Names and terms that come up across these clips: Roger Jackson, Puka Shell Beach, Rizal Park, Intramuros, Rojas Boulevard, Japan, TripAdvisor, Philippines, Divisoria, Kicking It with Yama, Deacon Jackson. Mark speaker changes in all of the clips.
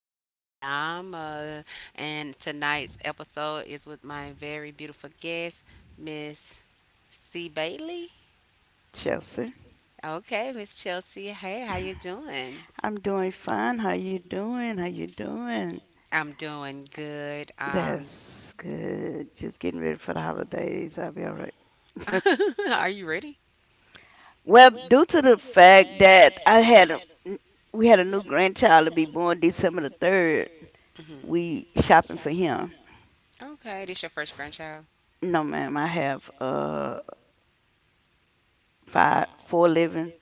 Speaker 1: Kicking It with Yama. And tonight's episode is with my very beautiful guest, Miss C. Bailey.
Speaker 2: Chelsea.
Speaker 1: Okay, Miss Chelsea. Hey, how you doing?
Speaker 2: I'm doing fine. How you doing? How you doing?
Speaker 1: I'm doing good.
Speaker 2: That's good. Just getting ready for the holidays. I'll be all right.
Speaker 1: Are you ready?
Speaker 2: Well, due to the fact that I had a, n- we had a new grandchild to be born December the 3rd,
Speaker 1: Hmm.
Speaker 2: we shopping for him.
Speaker 1: Okay, this your first grandchild?
Speaker 2: No, ma'am, I have five, four living,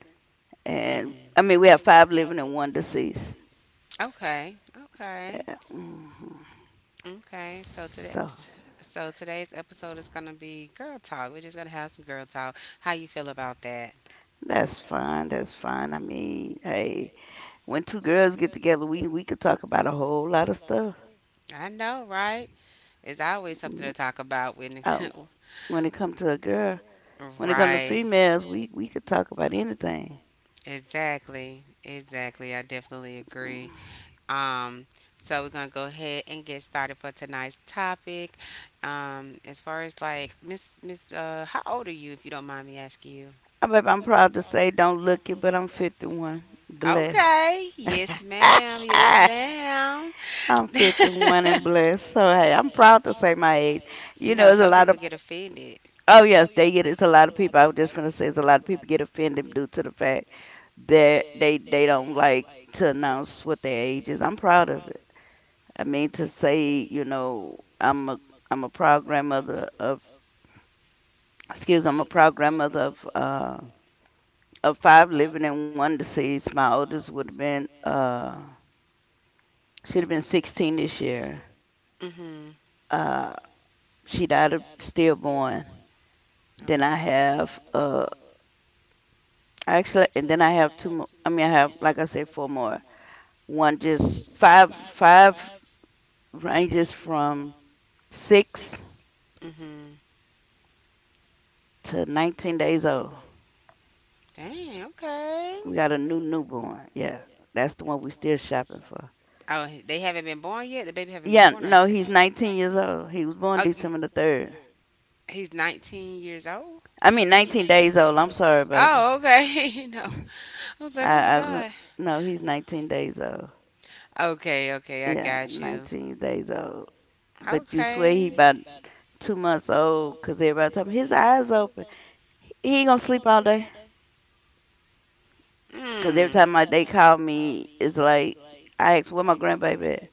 Speaker 2: and
Speaker 1: Hmm.
Speaker 2: I mean we have five living and one deceased.
Speaker 1: Okay, okay.
Speaker 2: Yeah. Hmm.
Speaker 1: Okay, so
Speaker 2: So
Speaker 1: today's so today's episode is gonna be girl talk. We're just gonna have some girl talk. How you feel about that?
Speaker 2: that's fine. That's fine. I mean, hey, when two girls get together, we could talk about a whole lot of stuff.
Speaker 1: I know, right? It's always something to
Speaker 2: Mm,
Speaker 1: talk about when,
Speaker 2: Um, when it comes to a girl, when it comes to
Speaker 1: right?
Speaker 2: females, we could talk about anything.
Speaker 1: Exactly, exactly. I definitely agree.
Speaker 2: Mm.
Speaker 1: Um, so we're gonna go ahead and get started for tonight's topic. As far as like Miss, how old are you, if you don't mind me asking you?
Speaker 2: I bet I'm proud to say, don't look it, but I'm 51, blessed.
Speaker 1: Okay. Yes, ma'am. Yes, ma'am.
Speaker 2: I'm 51 and blessed. So hey, I'm proud to say my age.
Speaker 1: You
Speaker 2: You know,
Speaker 1: know,
Speaker 2: it's a
Speaker 1: some
Speaker 2: lot
Speaker 1: people
Speaker 2: of
Speaker 1: get offended.
Speaker 2: oh yes, they get it's a lot of people. I was just gonna say it's a lot of people get offended due to the fact that they don't like to announce what their age is. I'm proud of it. I mean to say, I'm a proud grandmother of excuse, I'm a proud grandmother of uh five living and one deceased. My oldest would have been she'd have been 16 this year.
Speaker 1: Mm-hmm.
Speaker 2: Uh she died of stillborn. Then I
Speaker 1: Okay.
Speaker 2: have actually, and then I have two more, I mean I have, like I said, four more. One just five ranges from six
Speaker 1: Mm-hmm.
Speaker 2: to nineteen days old.
Speaker 1: Dang, okay.
Speaker 2: We got a new newborn. Yeah, that's the one we still shopping for.
Speaker 1: Oh, they haven't been born yet? The baby haven't been
Speaker 2: Yeah,
Speaker 1: born or
Speaker 2: no,
Speaker 1: is it?
Speaker 2: he's 19 years old. He was born
Speaker 1: Oh,
Speaker 2: December the 3rd.
Speaker 1: he's 19 years old?
Speaker 2: I mean, 19 days old. I'm sorry, baby.
Speaker 1: Oh, okay. No. I was like, oh my
Speaker 2: I
Speaker 1: God.
Speaker 2: no, he's 19 days old.
Speaker 1: Okay, okay, I
Speaker 2: Yeah,
Speaker 1: got you.
Speaker 2: 19 days old. But you swear he
Speaker 1: Okay.
Speaker 2: about 2 months old because everybody tell me his eyes open. He ain't gonna sleep all day. Because every
Speaker 1: Mm.
Speaker 2: time my they call me, it's like, I ask, where my grandbaby at?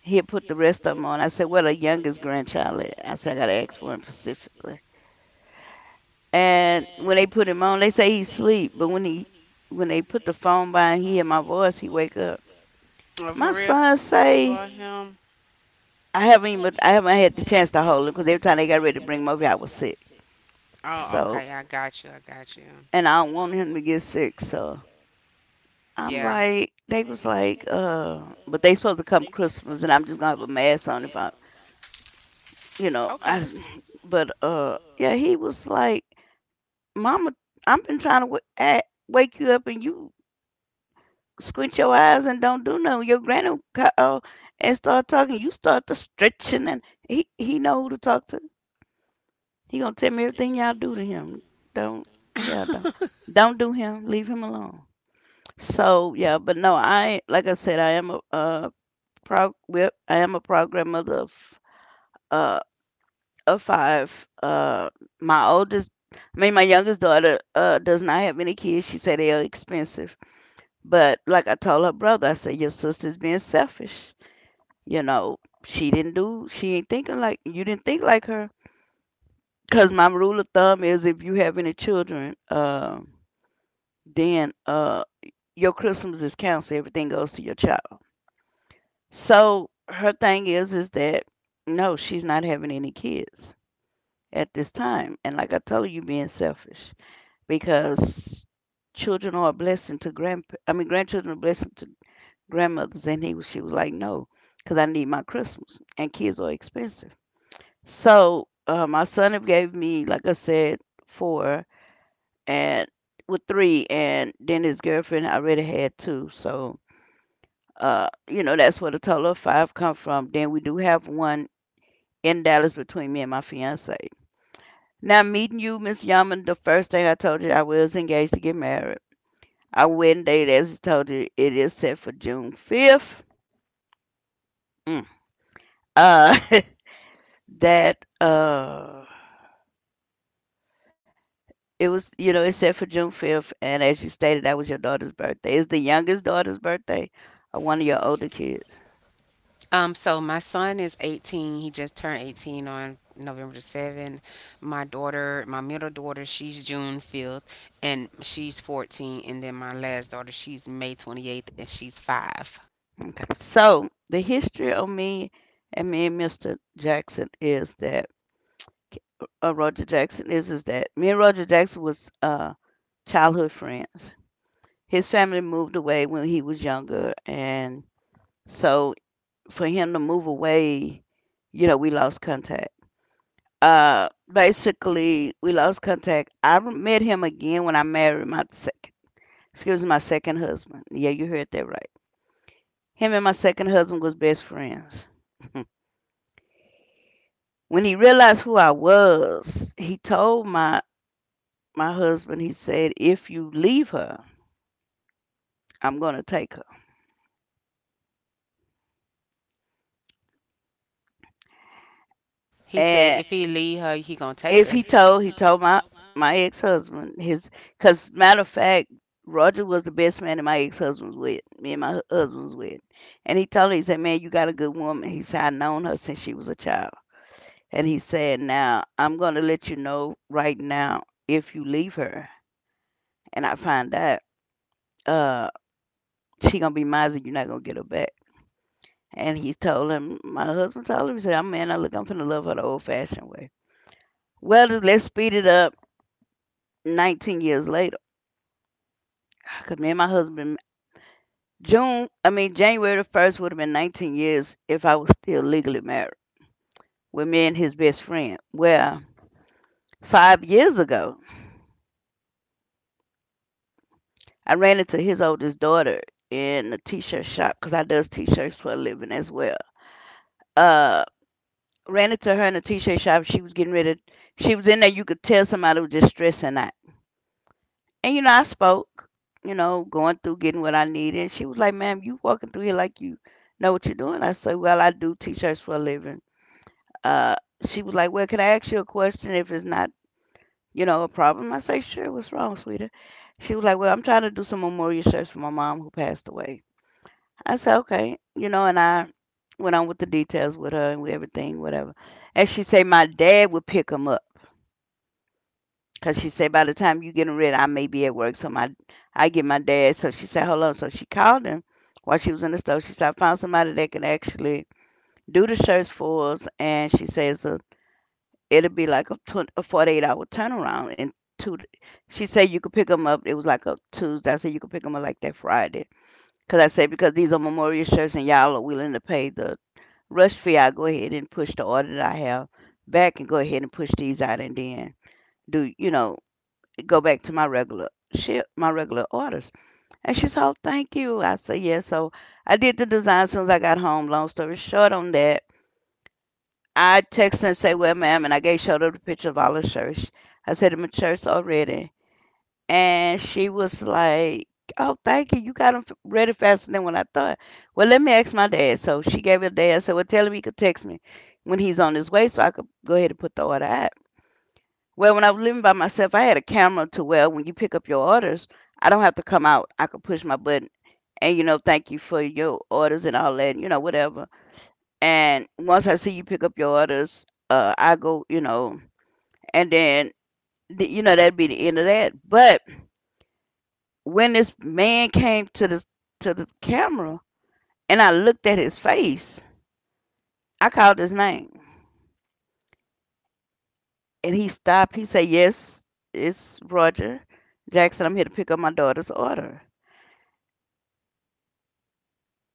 Speaker 2: He'll put the rest of them on. I said, where the youngest grandchild at? I said, I gotta ask for him specifically. And when they put him on, they say he sleep. But when they put the phone by and he hear my voice, he wake up.
Speaker 1: Oh, for
Speaker 2: My
Speaker 1: real, s-
Speaker 2: son
Speaker 1: you
Speaker 2: say
Speaker 1: spoil him.
Speaker 2: I haven't had the chance to hold him because every time they got ready to bring him over, I was sick.
Speaker 1: Oh,
Speaker 2: So
Speaker 1: okay. I got you. I got you.
Speaker 2: and I don't want him to get sick. So I'm
Speaker 1: Yeah.
Speaker 2: like, they was like, but they supposed to come Christmas, and I'm just gonna have a mask on if I, you know,
Speaker 1: Okay.
Speaker 2: I, but yeah, he was like, Mama, I've been trying to wake you up and you squint your eyes and don't do no. Your granny and start talking. You start to stretching, and he know who to talk to. He gonna tell me everything y'all do to him. Don't, yeah, don't don't do him. Leave him alone. So yeah, but no, I like I said, I am I am a program mother of uh five. My oldest, I mean my youngest daughter does not have any kids. She said they are expensive. But like I told her brother, I said your sister's being selfish. You know, she didn't do, she ain't thinking like, you didn't think like her. Because my rule of thumb is, if you have any children, then your Christmas is canceled. Everything goes to your child. So her thing is that, no, she's not having any kids at this time. And like I told you, being selfish because children are a blessing to I mean, grandchildren are a blessing to grandmothers. And she was like, no, because I need my Christmas, and kids are expensive. So, my son have gave me, like I said, four, and with three, and then his girlfriend already had two. So, that's where the total of five come from. Then we do have one in Dallas between me and my fiance. Now, meeting you, Miss Yaman, the first thing I told you, I was engaged to get married. Our wedding date, as I told you, it is set for June 5th. Mm. Uh, that, it was, you know, it's set for June 5th. And as you stated, that was your daughter's birthday. Is the youngest daughter's birthday, or one of your older kids.
Speaker 1: So my son is 18. He just turned 18 on November the 7th. My daughter, my middle daughter, she's June 5th and she's 14. And then my last daughter, she's May 28th and she's 5.
Speaker 2: Okay. So the history of me and Mr. Jackson is that, Roger Jackson is that me and Roger Jackson was childhood friends. His family moved away when he was younger. And so for him to move away, we lost contact. Basically we lost contact. I met him again when I married my second, excuse me, my second husband. Yeah, you heard that right. Him and my second husband was best friends. When he realized who I was, he told my husband. He said, "If you leave her, I'm gonna take her."
Speaker 1: He said
Speaker 2: And
Speaker 1: if he leave her, he gonna take
Speaker 2: if
Speaker 1: her.
Speaker 2: he told my ex husband his. Cause matter of fact, Roger was the best man that my ex husband was with. Me and my husband was with, and he told me, he said, "Man, you got a good woman." He said, "I known her since she was a child," and he said, "Now I'm gonna let you know right now, if you leave her and I find out, uh, she gonna be mine, and you're not gonna get her back." And my husband told him, he said, "I'm man, I look, I'm finna love her the old fashioned way." Well, let's speed it up. 19 years later. Cause me and my husband, I mean January the first would have been 19 years if I was still legally married, with me and his best friend. Well, 5 years ago, I ran into his oldest daughter in a t-shirt shop, because I does t-shirts for a living as well. Uh, ran into her in a t-shirt shop. She was getting ready. She was in there. You could tell somebody was just stressing out. And I spoke. Going through getting what I needed. And she was like, "Ma'am, you walking through here like you know what you're doing." I said, "Well, I do t-shirts for a living." uh, she was like, "Well, can I ask you a question if it's not, a problem?" I say, "Sure. What's wrong, sweetie?" She was like, "Well, I'm trying to do some memorial research for my mom who passed away." I said, "Okay," you know, and I went on with the details with her and with everything, whatever. And she said, "My dad would pick him up." Cause she said, by the time you get him ready, I may be at work, so my I get my dad. So she said, "Hold on." So she called him while she was in the store. She said, "I found somebody that can actually do the shirts for us," and she says, it'd be like a 48-hour turnaround, and two. She said, you could pick them up, it was like a Tuesday. I said, you could pick them up like that Friday, because I said, because these are memorial shirts and y'all are willing to pay the rush fee, I go ahead and push the order that I have back and go ahead and push these out, and then, do you know, go back to my regular ship my regular orders. And she said, oh, thank you. I said, yes. So I did the design as soon as I got home. Long story short on that, I text and say, "Well, ma'am," and I gave showed her the picture of all her shirts. I said, "I'm in church already," and she was like, "Oh, thank you. You got them ready faster than when I thought." Well, let me ask my dad. So she gave her dad. I said, "Well, tell him he could text me when he's on his way, so I could go ahead and put the order out." Well, when I was living by myself, I had a camera to where when you pick up your orders, I don't have to come out. I could push my button and, thank you for your orders and all that, whatever. And once I see you pick up your orders, I go, and then that'd be the end of that. But when this man came to the camera, and I looked at his face, I called his name, and he stopped. He said, "Yes, it's Roger Jackson. I'm here to pick up my daughter's order."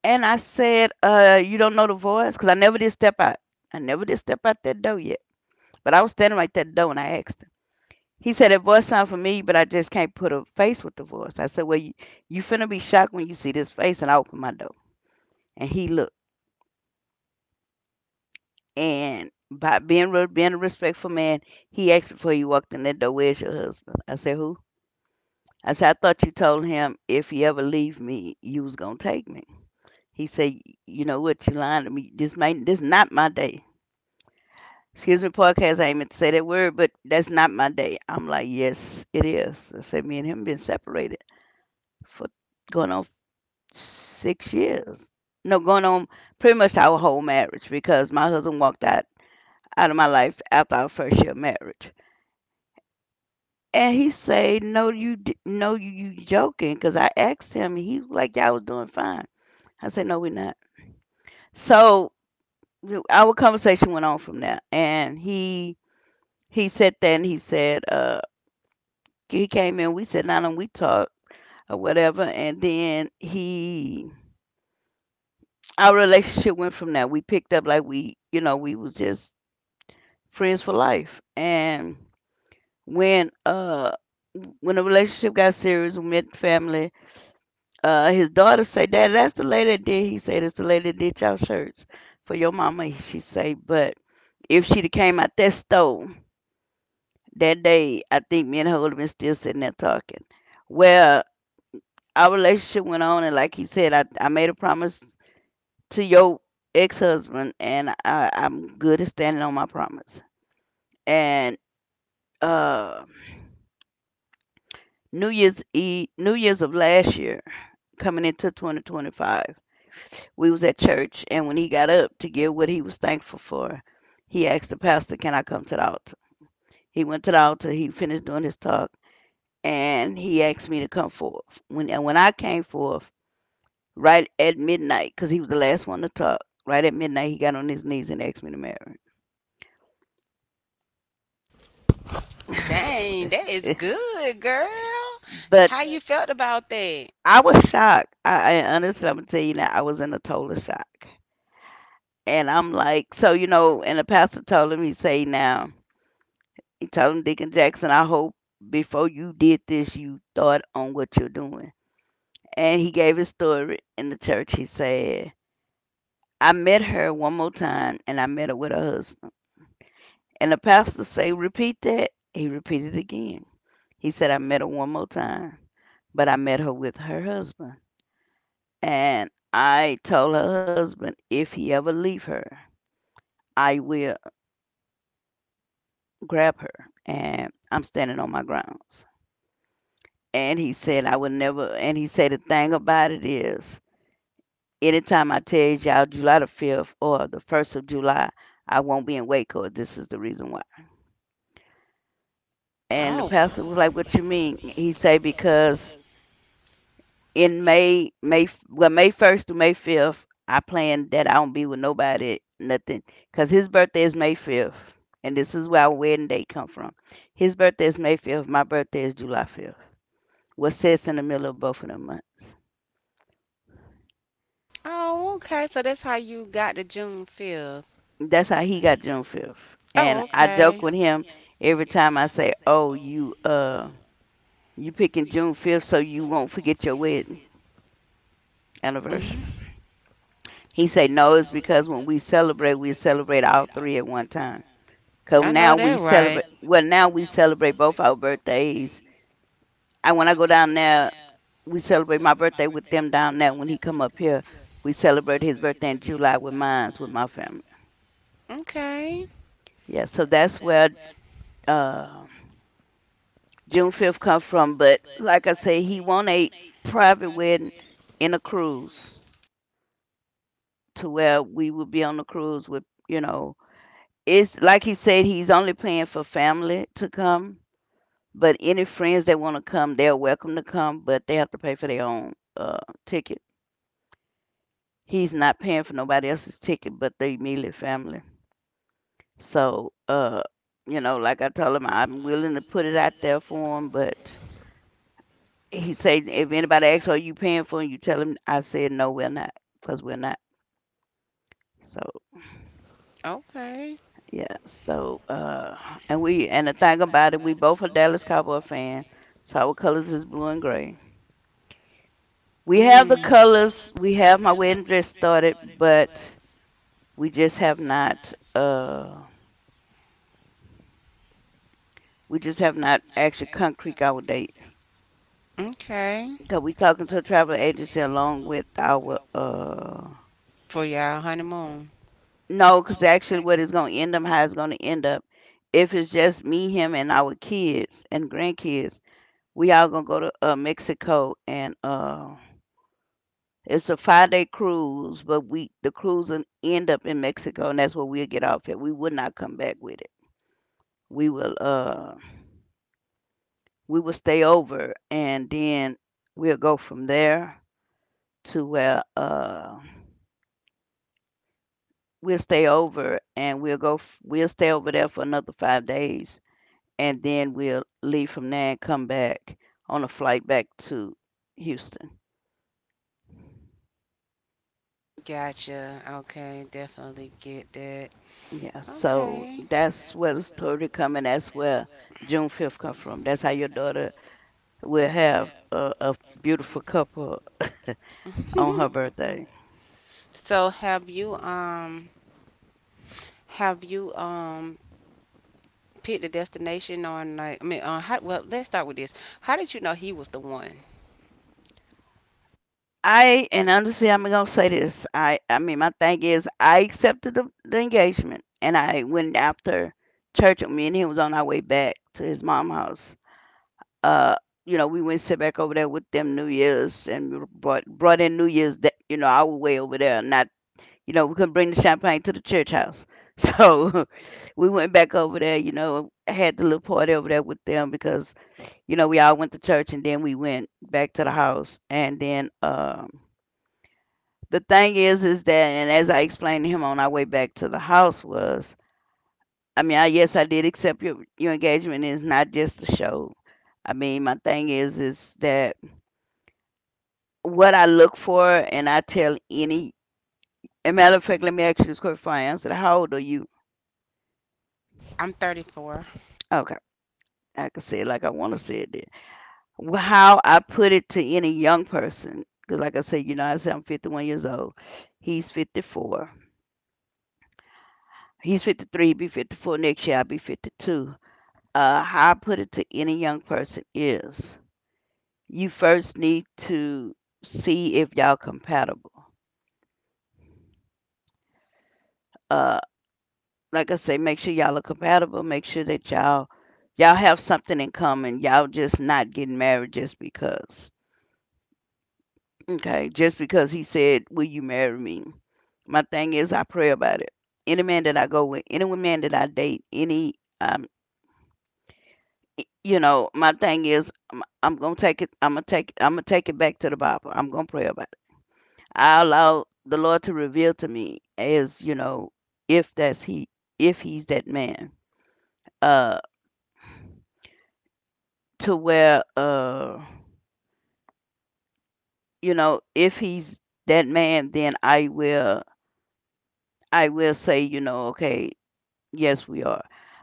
Speaker 2: And I said, "You don't know the voice, 'cause I never did step out. I never did step out that door yet. But I was standing right that door, and I asked." him. He said that voice sound familiar, but I just can't put a face with the voice. I said, well, you finna be shocked when you see this face, and I opened my door, and he looked, and by being a respectful man, he asked before he walked in that door, where's your husband? I said, who? I said, I thought you told him if he ever leave me, you was gonna take me. He said, you know what, you lying to me. This not my day. Excuse me, podcast. I ain't meant to say that word, but that's not my day. I'm like, yes, it is. I said, me and him been separated for going on 6 years. No, going on pretty much our whole marriage, because my husband walked out of my life after our first year of marriage. And he say, "No, no, you joking?" Because I asked him, he was like, "Y'all was doing fine." I said, "No, we're not." So our conversation went on from there, and he said that, and he said, he came in, we sat down and we talked or whatever, and then he our relationship went from there. We picked up like we, you know, we was just friends for life. And when uh when the relationship got serious, we met the family. His daughter say, "Dad, that's the lady that did." He said, "It's the lady that did y'all shirts for your mama." She say, "But if she'd have came out that store that day, I think me and her would have been still sitting there talking." Well, our relationship went on, and like he said, I made a promise to your ex husband, and I'm good at standing on my promise. And uh New Year's Eve, New Year's of last year, coming into 2025, we was at church, and when he got up to give what he was thankful for, he asked the pastor, "Can I come to the altar?" He went to the altar. He finished doing his talk, and he asked me to come forth. When I came forth, right at midnight, because he was the last one to talk. Right at midnight, he got on his knees and asked me to marry.
Speaker 1: Dang, that is good, girl.
Speaker 2: But
Speaker 1: How you felt about that?
Speaker 2: I was shocked. I honestly, I'm gonna tell you now, I was in a total shock. And I'm like, so, you know, and the pastor told him, he say, now, he told him, Deacon Jackson, I hope before you did this, you thought on what you're doing. And he gave his story in the church. He said, I met her one more time and I met her with her husband. And the pastor say, repeat that. He repeated it again. He said, I met her one more time, but I met her with her husband. And I told her husband, if he ever leave her, I will grab her. And I'm standing on my grounds. And he said, I will never. And he said, the thing about it is, anytime I tell y'all July the 5th or the 1st of July, I won't be in Waco. This is the reason why. And the
Speaker 1: Oh,
Speaker 2: pastor was like,
Speaker 1: wow.
Speaker 2: what you mean? He said, because in May, well, May 1st to May 5th, I plan that I don't be with nobody, nothing. Because his birthday is May 5th. And this is where our wedding date come from. His birthday is May 5th. My birthday is July 5th. What sits in the middle of both of them months?
Speaker 1: Oh, okay. So that's how you got the June 5th.
Speaker 2: That's how he got June 5th.
Speaker 1: Oh, Yeah, I
Speaker 2: And I joke
Speaker 1: okay.
Speaker 2: with him every time. I say, "Oh, you picking June 5th so you won't forget your wedding anniversary."
Speaker 1: Hmm.
Speaker 2: He say, "No, it's because when we celebrate all three at one time.
Speaker 1: I
Speaker 2: 'Cause
Speaker 1: So know now that we right.
Speaker 2: now we celebrate both our birthdays. And when I go down there, we celebrate my birthday with them down there. When he come up here, we celebrate his birthday in July with mines with my family.
Speaker 1: Okay.
Speaker 2: Yeah, so that's where uh." June 5th come from, but like I say, he want a private wedding in a cruise to where we would be on the cruise with, you know, it's like he said, he's only paying for family to come, but any friends that want to come, they're welcome to come, but they have to pay for their own ticket. He's not paying for nobody else's ticket but the immediate family. So, you know, like I told him, I'm willing to put it out there for him, but he said, if anybody asks, are you paying for it? You tell him, I said, no, we're not, because we're not. So,
Speaker 1: Okay.
Speaker 2: yeah. So, and and the thing about it, we both are Dallas Cowboy fan. So our colors is blue and gray. We
Speaker 1: We
Speaker 2: have the
Speaker 1: have.
Speaker 2: colors.
Speaker 1: Mm.
Speaker 2: We have my wedding dress started, but we just have not, we just have not actually concrete our date.
Speaker 1: Okay.
Speaker 2: Because we talking to a travel agency along with our.
Speaker 1: For y'all honeymoon.
Speaker 2: No, because actually what it's gonna end up, how it's gonna end up, if it's just me, him, and our kids and grandkids, we all gonna go to Mexico, and it's a 5 day cruise, but we the cruise will end up in Mexico, and that's where we'll get off at. We will not come back with it. We will uh, we will stay over, and then we'll go from there to where we'll stay over, and we'll stay over there for another 5 days. And then we'll leave from there and come back on a flight back to Houston.
Speaker 1: Gotcha. Okay, definitely get that.
Speaker 2: Yeah, so
Speaker 1: Okay.
Speaker 2: that's where the story come and that's where June 5th come from. That's how your daughter will have a beautiful couple on her birthday.
Speaker 1: So have you picked a destination on like I mean, on how, well, let's start with this. How did you know he was the one?
Speaker 2: I and honestly, I'm gonna say this. I mean, my thing is, I accepted the engagement, and I went after church. Me and him was on our way back to his mom's house, uh you know we went sit back over there with them new year's and we brought in new year's that you know our way over there not you know we couldn't bring the champagne to the church house so we went back over there you know had the little party over there with them because you know we all went to church and then we went back to the house and the thing is that, and as I explained to him on our way back to the house was, I mean, I yes I did accept your engagement, it's not just a show. I mean, my thing is that, what I look for, and I tell any. A matter of fact, let me ask you this question before I answer. That. How old are you?
Speaker 1: I'm 34.
Speaker 2: Okay, I can say it like I want to say it then. How I put it to any young person, because like I said, you know, I say I'm 51 years old. He's 54. He's 53. He'll be 54 next year. I'll be 52. How I put it to any young person is, you first need to see if y'all compatible. Uh, like I say, make sure y'all are compatible. Make sure that y'all have something in common. Y'all just not getting married just because. Okay, just because he said, "Will you marry me?" My thing is, I pray about it. Any man that I go with, any man that I date, any um, you know, my thing is, I'm gonna take it. I'm gonna take it back to the Bible. I'm gonna pray about it. I allow the Lord to reveal to me, as you know, if that's he, if he's that man. Uh, to where you know, if he's that man, then I will say, you know, okay, yes we are.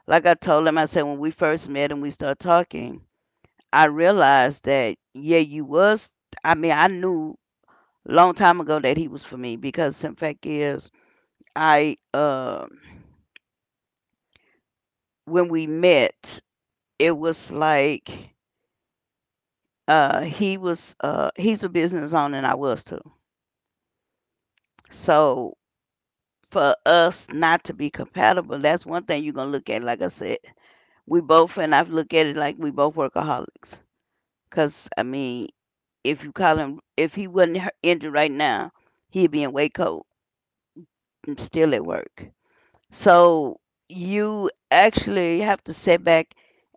Speaker 2: Like I told him, I said when we first met and we started talking, I realized that yeah, you was I mean, I knew long time ago that he was for me because in fact is I when we met, it was like he's a business owner and I was too. So for us not to be compatible, that's one thing you're gonna look at. Like I said, we both and I've looked at it like we both workaholics. 'Cause I mean, if you call him, if he wasn't injured right now, he'd be in Waco and still at work. So you actually have to sit back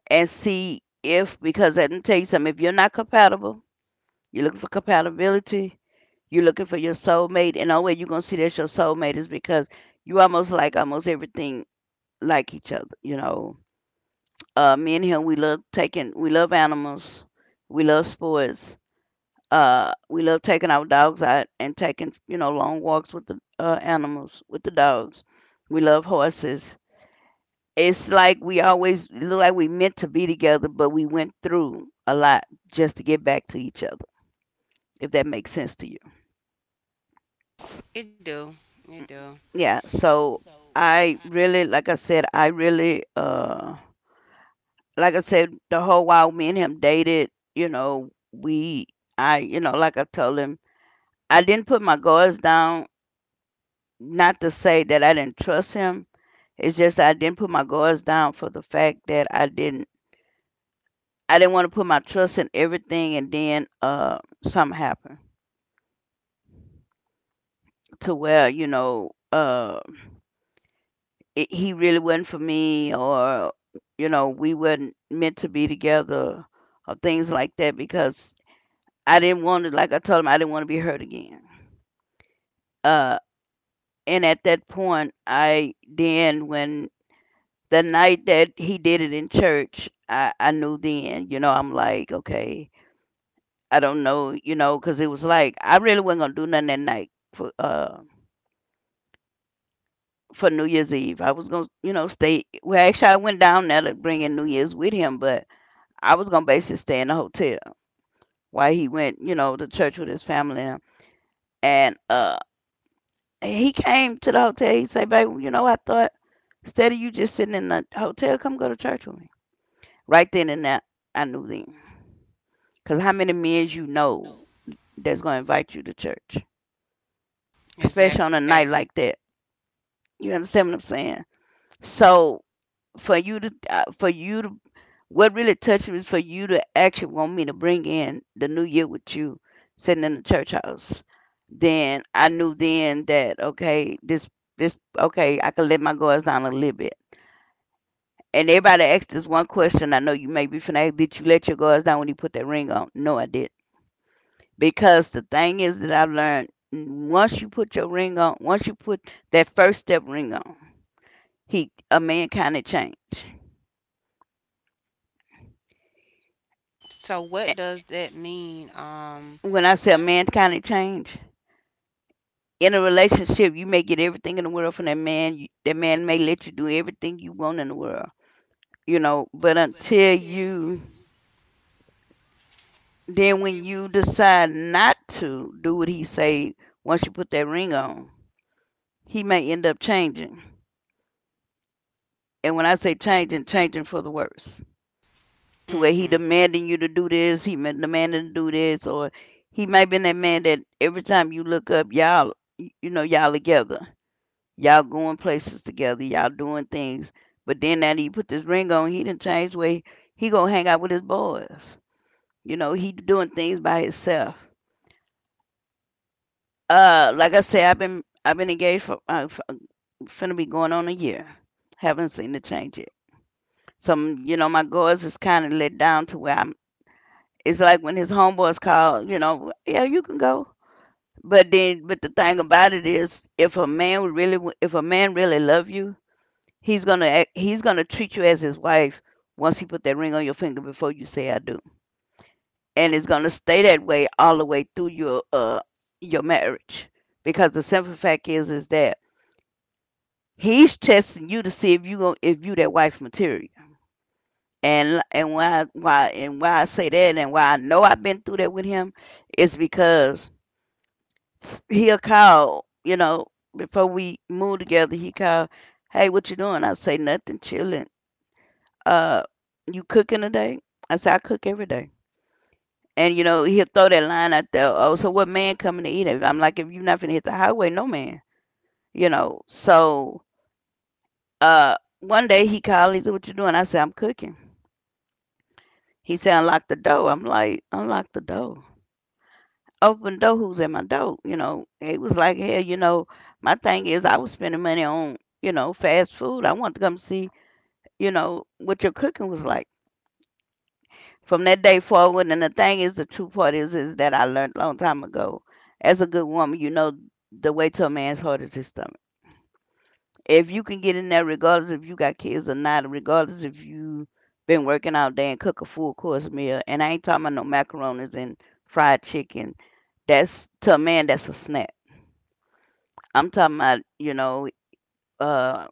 Speaker 2: and see if, because let me tell you something, if you're not compatible, you're looking for compatibility, you're looking for your soulmate, and the only way you're gonna see that's your soulmate is because you almost like almost everything like each other. Me and him, we love taking, we love animals, we love sports, we love taking our dogs out and taking, you know, long walks with the animals, with the dogs. We love horses. It's like we always look like we meant to be together, but we went through a lot just to get back to each other. If that makes sense to you,
Speaker 1: It do. It do.
Speaker 2: yeah. So I really, like I said, like I said, the whole while me and him dated, you know, you know, like I told him, I didn't put my guards down. Not to say that I didn't trust him. It's just I didn't put my guards down for the fact that I didn't want to put my trust in everything, and then something happened to where he really wasn't for me, or you know, we weren't meant to be together, or things like that, because I didn't want to, like I told him, I didn't want to be hurt again. Uh, and at that point, I then when the night that he did it in church, I knew then. You know, I'm like, okay, I don't know. You know, because it was like I really wasn't gonna do nothing that night for New Year's Eve. I was gonna you know stay. Well, actually, I went down there to bring in New Year's with him, but I was gonna basically stay in the hotel while he went you know to church with his family and. uh And he came to the hotel. He said, "Babe, you know, I thought instead of you just sitting in the hotel, come go to church with me." Right then and there, I knew then. Cause how many men you know that's gonna invite you to church, especially on a
Speaker 1: Exactly.
Speaker 2: night like that? You understand what I'm saying? So for you to, what really touched me is for you to actually want me to bring in the new year with you, sitting in the church house. Then I knew then that okay, I could let my guards down a little bit. And everybody asked this one question. I know you may be finna ask, did you let your guards down when you put that ring on? No, I did. Because the thing is that I've learned once you put your ring on, once you put that first step ring on, he a man kind of change.
Speaker 1: So what does that mean?
Speaker 2: When I say a man kind of change, in a relationship, you may get everything in the world from that man. You, that man may let you do everything you want in the world, you know. But until you, then when you decide not to do what he say, once you put that ring on, he may end up changing. And when I say changing, changing for the worse. To where he
Speaker 1: Mm,
Speaker 2: demanding you to do this, he demanding to do this, or he might be that man that every time you look up, y'all, you know, y'all together, y'all going places together, y'all doing things. But then now that he put this ring on, he didn't change way he gonna hang out with his boys. You know, he doing things by himself. Like I said, I've been engaged for finna be going on a year. Haven't seen the change yet. Some, you know, my guards is kind of let down to where I'm. It's like when his homeboys call, you know, yeah, you can go. But then, but the thing about it is, if a man would if a man really love you, he's gonna treat you as his wife once he put that ring on your finger before you say I do, and it's gonna stay that way all the way through your marriage because the simple fact is that he's testing you to see if you go if you that wife material. And why I say that and why I know I've been through that with him is because he'll call, you know, before we move together, he called, hey, what you doing? I say nothing, chilling. Uh, you cooking today? I say I cook every day. And you know, he'll throw that line out there, oh, so what man coming to eat it? I'm like, if you're not finna hit the highway, no man. You know. So one day he called, he said, what you doing? I said, I'm cooking. He said, unlock the door. I'm like, unlock the door. Open door, who's at my door. You know, it was like hell. You know, my thing is I was spending money on you know fast food. I want to come see you know what your cooking was like from that day forward. And the thing is, the true part is that I learned a long time ago. As a good woman, you know the way to a man's heart is his stomach. If you can get in there, regardless if you got kids or not, regardless if you been working all day and cook a full course meal, and I ain't talking about no macaronis and fried chicken. That's to a man, that's a snack. I'm talking about, uh,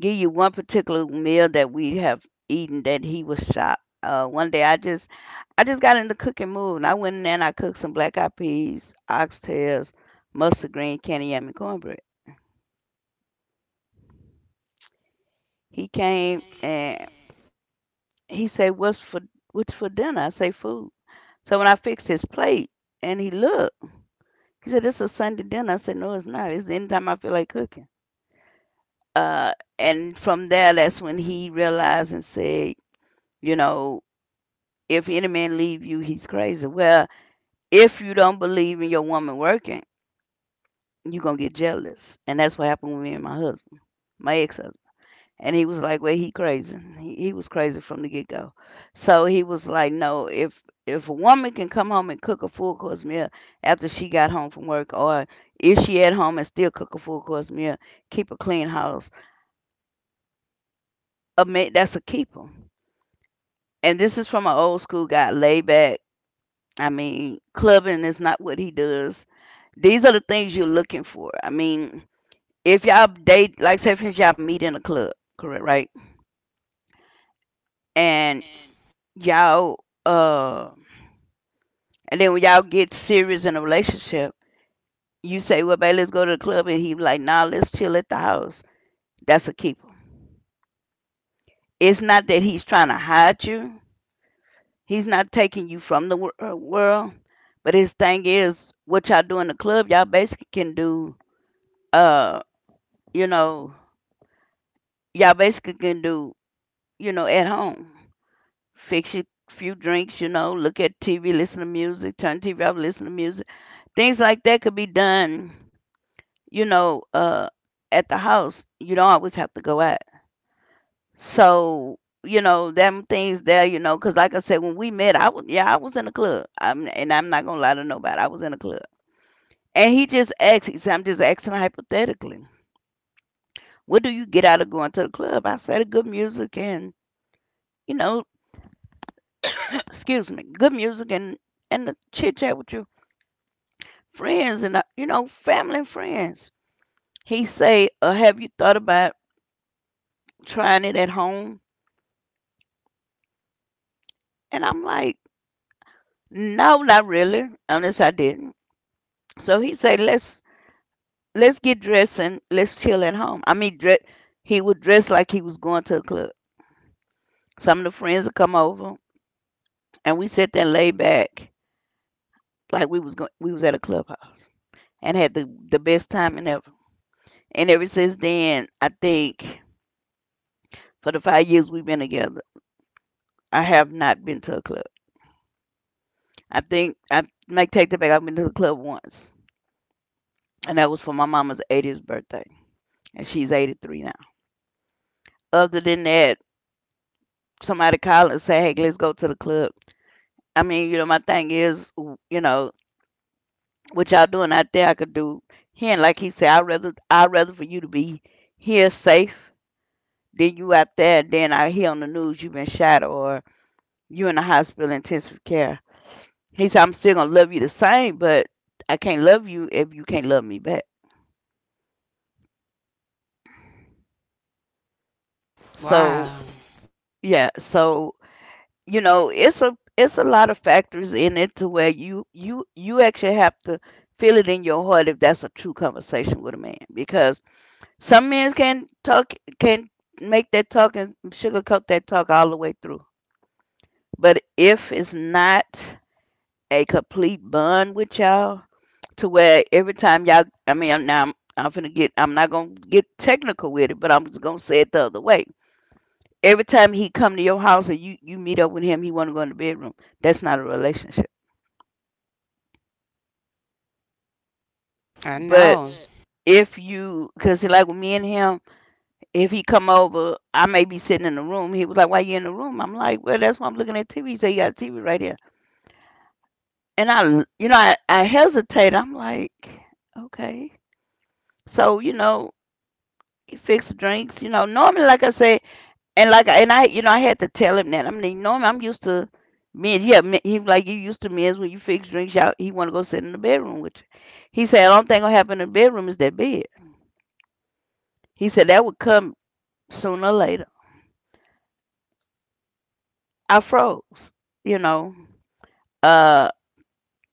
Speaker 2: give you one particular meal that we have eaten that he was shocked. One day I just got in the cooking mood and I went in there and I cooked some black eyed peas, oxtails, mustard green, candy yam, and cornbread. He came and he said, what's for dinner? I say food. So when I fixed his plate and he looked, he said, it's a Sunday dinner. I said, no, it's not. It's anytime I feel like cooking. Uh, and from there that's when he realized and said, you know, if any man leave you, he's crazy. Well, if you don't believe in your woman working, you're gonna get jealous. And that's what happened with me and my husband, my ex husband. And he was like, well, he crazy. He was crazy from the get go. So he was like, no, if a woman can come home and cook a full course meal after she got home from work or if she at home and still cook a full course meal, keep a clean house. A man, that's a keeper. And this is from an old school guy, laid back, I mean, clubbing is not what he does. These are the things you're looking for. I mean, if y'all date, like say for instance, y'all meet in a club, correct, right? And y'all, uh, and then when y'all get serious in a relationship, you say, "Well, babe, let's go to the club," and he be like, "Nah, let's chill at the house." That's a keeper. It's not that he's trying to hide you. He's not taking you from the world. But his thing is, what y'all do in the club, uh, you know, y'all basically can do, you know, at home. Fix your few drinks, you know, look at TV, listen to music, turn TV off, listen to music. Things like that could be done, you know, uh, at the house. You don't always have to go out. So, you know, them things there, you know, because like I said, when we met, I was, yeah, I was in a club. And I'm not going to lie to nobody. I was in a club. And he just asked, he said, I'm just asking hypothetically, what do you get out of going to the club? I said, good music and, you know, excuse me, good music and the chit chat with your friends and you know family and friends. He say, "Have you thought about trying it at home?" And I'm like, "No, not really. Unless I didn't." So he say, let's get dressed and let's chill at home." I mean, he would dress like he was going to the club. Some of the friends would come over, and we sat there laid back like we was at a clubhouse and had the best time and ever. And ever since then, I think for the 5 years we've been together, I have not been to a club. I think I make take that back. I've been to a club once, and that was for my mama's 80th birthday, and she's 83 now. Other than that, somebody call and say, "Hey, let's go to the club." I mean, my thing is, you know, what y'all doing out there, I could do here. And like he said, I rather for you to be here safe than you out there. Then I hear on the news you've been shot or you in the hospital intensive care. He said, I'm still gonna love you the same, but I can't love you if you can't love me back. So
Speaker 1: wow.
Speaker 2: yeah, so it's a lot of factors in it to where you actually have to feel it in your heart if that's a true conversation with a man because some men can talk, can make that talk and sugarcoat that talk all the way through. But if it's not a complete bond with y'all, to where every time y'all, I mean, I'm finna get, I'm not gonna get technical with it, but I'm just gonna say it the other way. Every time he come to your house and you meet up with him, he wanna go in the bedroom. That's not a relationship.
Speaker 1: I
Speaker 2: But
Speaker 1: know.
Speaker 2: if you, cause like with me and him, if he come over, I may be sitting in the room. He was like, "Why you in the room?" I'm like, "Well, that's why I'm looking at TV." He said, "You got a TV right here," and I, I hesitate. I'm like, okay. So he fixed drinks. You know, normally, like I say. And like, and I, I had to tell him that. I am, I'm used to men. Yeah, men, he was like you used to men's when you fix drinks. Y'all, he want to go sit in the bedroom with you. He said, "I don't think gonna happen in the bedroom is that bed." He said that would come sooner or later. I froze. You know, uh,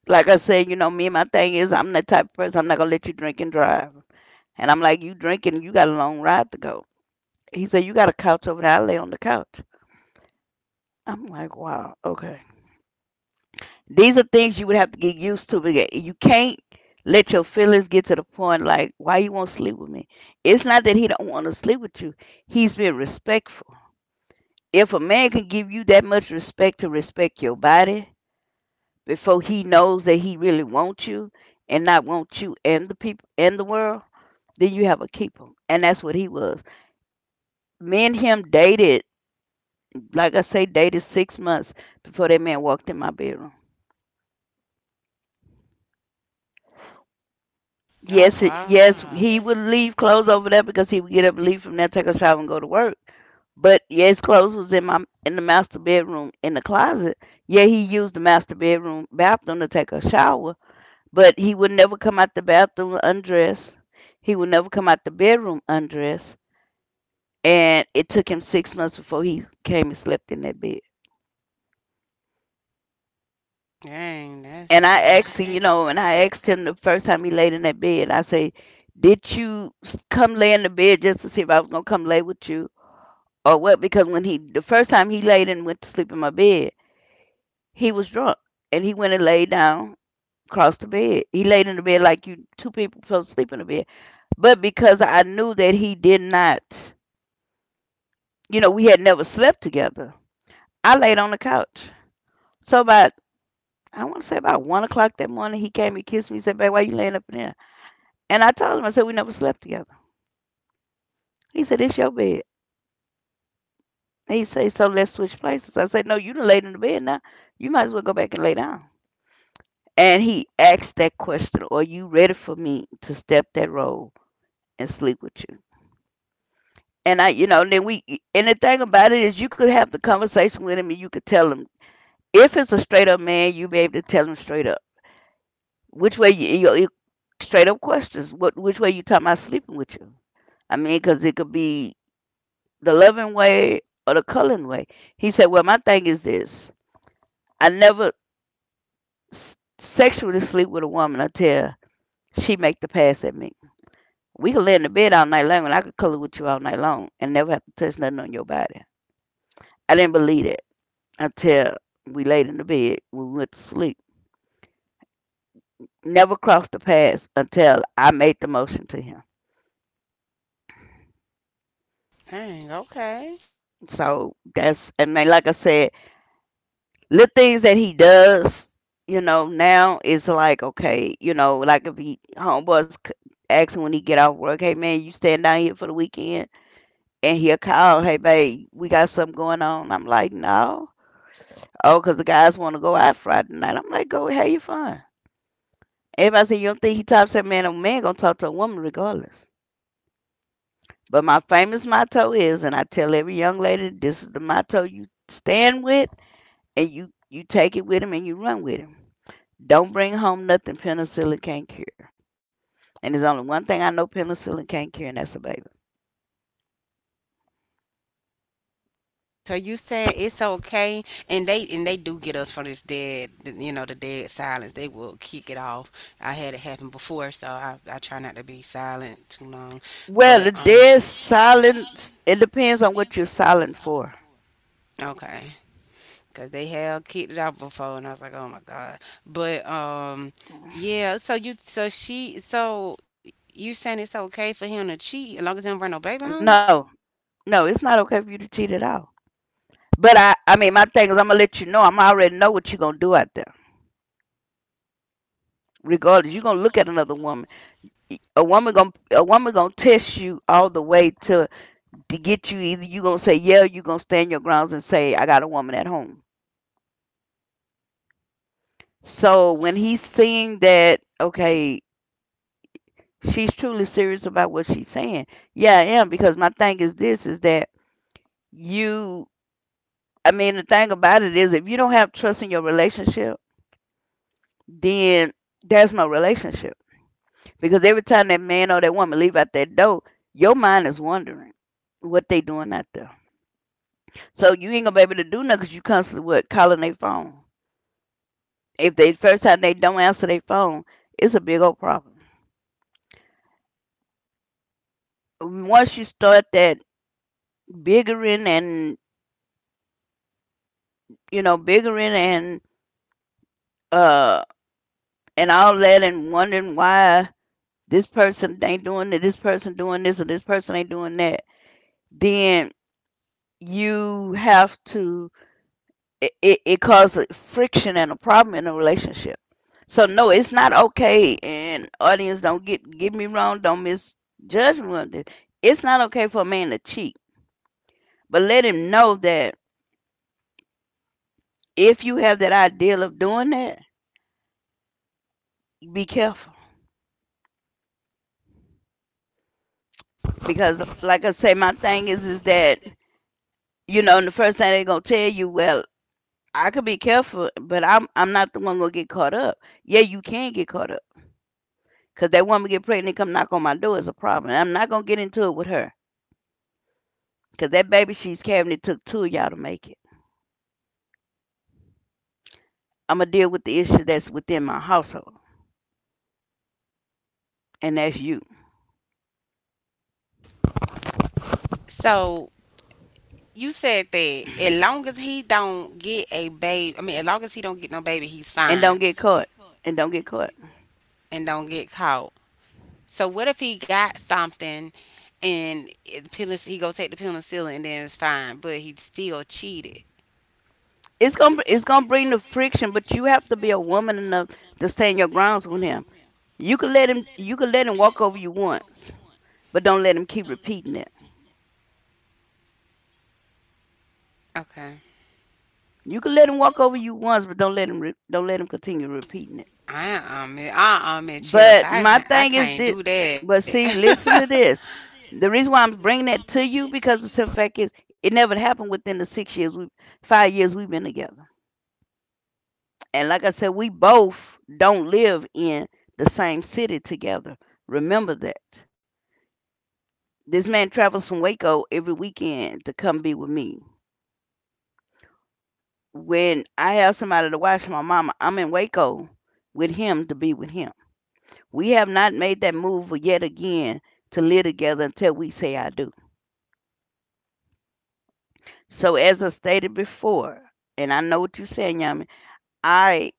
Speaker 2: like I said, me and my thing is, I'm that type of person. I'm not gonna let you drink and drive. And I'm like, you drinking, you got a long ride to go. He said, you got a couch over there. I lay on the couch. I'm like, wow, okay. These are things you would have to get used to. Because you can't let your feelings get to the point like, why you won't sleep with me? It's not that he don't want to sleep with you. He's been respectful. If a man can give you that much respect to respect your body before he knows that he really wants you and not want you and the people and the world, then you have a keeper. And that's what he was. Me and him dated, like I say, dated 6 months before that man walked in my bedroom.
Speaker 1: Oh
Speaker 2: Yes, it, yes,
Speaker 1: wow.
Speaker 2: he would leave clothes over there because he would get up and leave from there, take a shower, and go to work. But yeah, his clothes was in my, in the master bedroom in the closet. Yeah, he used the master bedroom bathroom to take a shower, but he would never come out the bathroom undressed. He would never come out the bedroom undressed, and it took him 6 months before he came and slept in that bed.
Speaker 1: Dang, that's
Speaker 2: And I asked
Speaker 1: Oh,
Speaker 2: him, and I asked him the first time he laid in that bed, I say, "Did you come lay in the bed just to see if I was gonna come lay with you?" or what. Because when he, the first time he laid and went to sleep in my bed, he was drunk, and he went and laid down across the bed. He laid in the bed like you 2 people supposed to sleep in the bed, but because I knew that he did not, we had never slept together, I laid on the couch. So about, I want to say about 1 o'clock that morning, he came and kissed me. He said, "Babe, why you laying up in there?" And I told him, I said, we never slept together. He said, it's your bed. He said, so let's switch places. I said, no, you done laid in the bed now, you might as well go back and lay down. And he asked that question, "Are you ready for me to step that road and sleep with you?" And I, and then we, and the thing about it is, you could have the conversation with him, and you could tell him if it's a straight up man, you be able to tell him straight up which way you straight up questions. What, which way you talking about sleeping with you? I mean, because it could be the loving way or the culling way. He said, "Well, my thing is this: I never sexually sleep with a woman until she make the pass at me. We could lay in the bed all night long and I could color with you all night long and never have to touch nothing on your body." I didn't believe it until we laid in the bed, we went to sleep. Never crossed the paths until I made the motion to him.
Speaker 1: dang. Okay.
Speaker 2: So that's, I mean, like I said, little things that he does, now is like, okay, you know, like if he, homeboys asking when he get off work, hey man, you staying down here for the weekend? And he'll call, hey babe, we got something going on. I'm like, no. Oh, cause the guys want to go out Friday night. I'm like, go have your fun. Everybody say you don't think he talks to a man. A man gonna talk to a woman regardless. But my famous motto is, and I tell every young lady, this is the motto you stand with, and you take it with him and you run with him. Don't bring home nothing penicillin can't cure. And there's only one thing I know penicillin can't cure, and that's a baby.
Speaker 1: So you said it's okay, and they do get us for this dead, you know, the dead silence. They will kick it off. I had it happen before, so I try not to be silent too long.
Speaker 2: Well,
Speaker 1: But
Speaker 2: the dead silent. It depends on what you're silent for.
Speaker 1: okay. Because they have kicked it out before, and I was like, oh my god. But yeah. So you saying it's okay for him to cheat as long as he don't bring no baby home?
Speaker 2: No, no, it's not okay for you to cheat at all. But I mean, my thing is, I'm gonna let you know. I'm already know what you're gonna do out there. Regardless, you're gonna look at another woman. A woman gonna test you all the way to get you. Either you gonna say yeah, or you gonna stand your grounds and say I got a woman at home. So when he's seeing that, okay, she's truly serious about what she's saying. Yeah, I am because my thing is this: is that you. I mean, the thing about it is, if you don't have trust in your relationship, then there's no relationship. Because every time that man or that woman leave out that door, your mind is wondering what they doing out there. So you ain't gonna be able to do nothing. Cause you constantly what calling their phone. If they first time they don't answer their phone, it's a big old problem. Once you start that biggering and, you know, biggering uh and all that and wondering why this person ain't doing it, this person doing this, or this person ain't doing that, then you have to, it causes friction and a problem in a relationship. So no, it's not okay. And audience, don't get me wrong. Don't misjudge me on this. It's not okay for a man to cheat, but let him know that if you have that ideal of doing that, be careful. Because, like I say, my thing is that, and the first thing they're gonna tell you, well, I could be careful, but I'm not the one gonna get caught up. Yeah, you can get caught up. Cause that woman get pregnant, come knock on my door is a problem. I'm not gonna get into it with her. Because that baby she's carrying, it took two of y'all to make it. I'm going to deal with the issue that's within my household, and that's you.
Speaker 1: So you said that as long as he don't get a baby, I mean, as long as he don't get no baby, he's
Speaker 2: And
Speaker 1: fine
Speaker 2: don't get caught. And don't get caught.
Speaker 1: and don't get caught. So what if he got something and he go take the penicillin and then it's fine, but he still cheated?
Speaker 2: It's going to, it's gonna bring the friction, but you have to be a woman enough to stand your grounds with him. You can let him walk over you once, but don't let him keep repeating it.
Speaker 1: Okay.
Speaker 2: You can let him walk over you once, but don't let him don't let him continue repeating it.
Speaker 1: I I At
Speaker 2: But
Speaker 1: Chelsea.
Speaker 2: my
Speaker 1: I
Speaker 2: thing is
Speaker 1: can't
Speaker 2: that,
Speaker 1: do
Speaker 2: but
Speaker 1: that.
Speaker 2: see, listen to this. The reason why I'm bringing that to you because the simple fact is it never happened within the 6 years, 5 years we've been together. And like I said, we both don't live in the same city together. Remember that. This man travels from Waco every weekend to come be with me. When I have somebody to watch my mama, I'm in Waco with him to be with him. We have not made that move yet again to live together until we say I do. So as I stated before, and I know what you're saying, Yami, I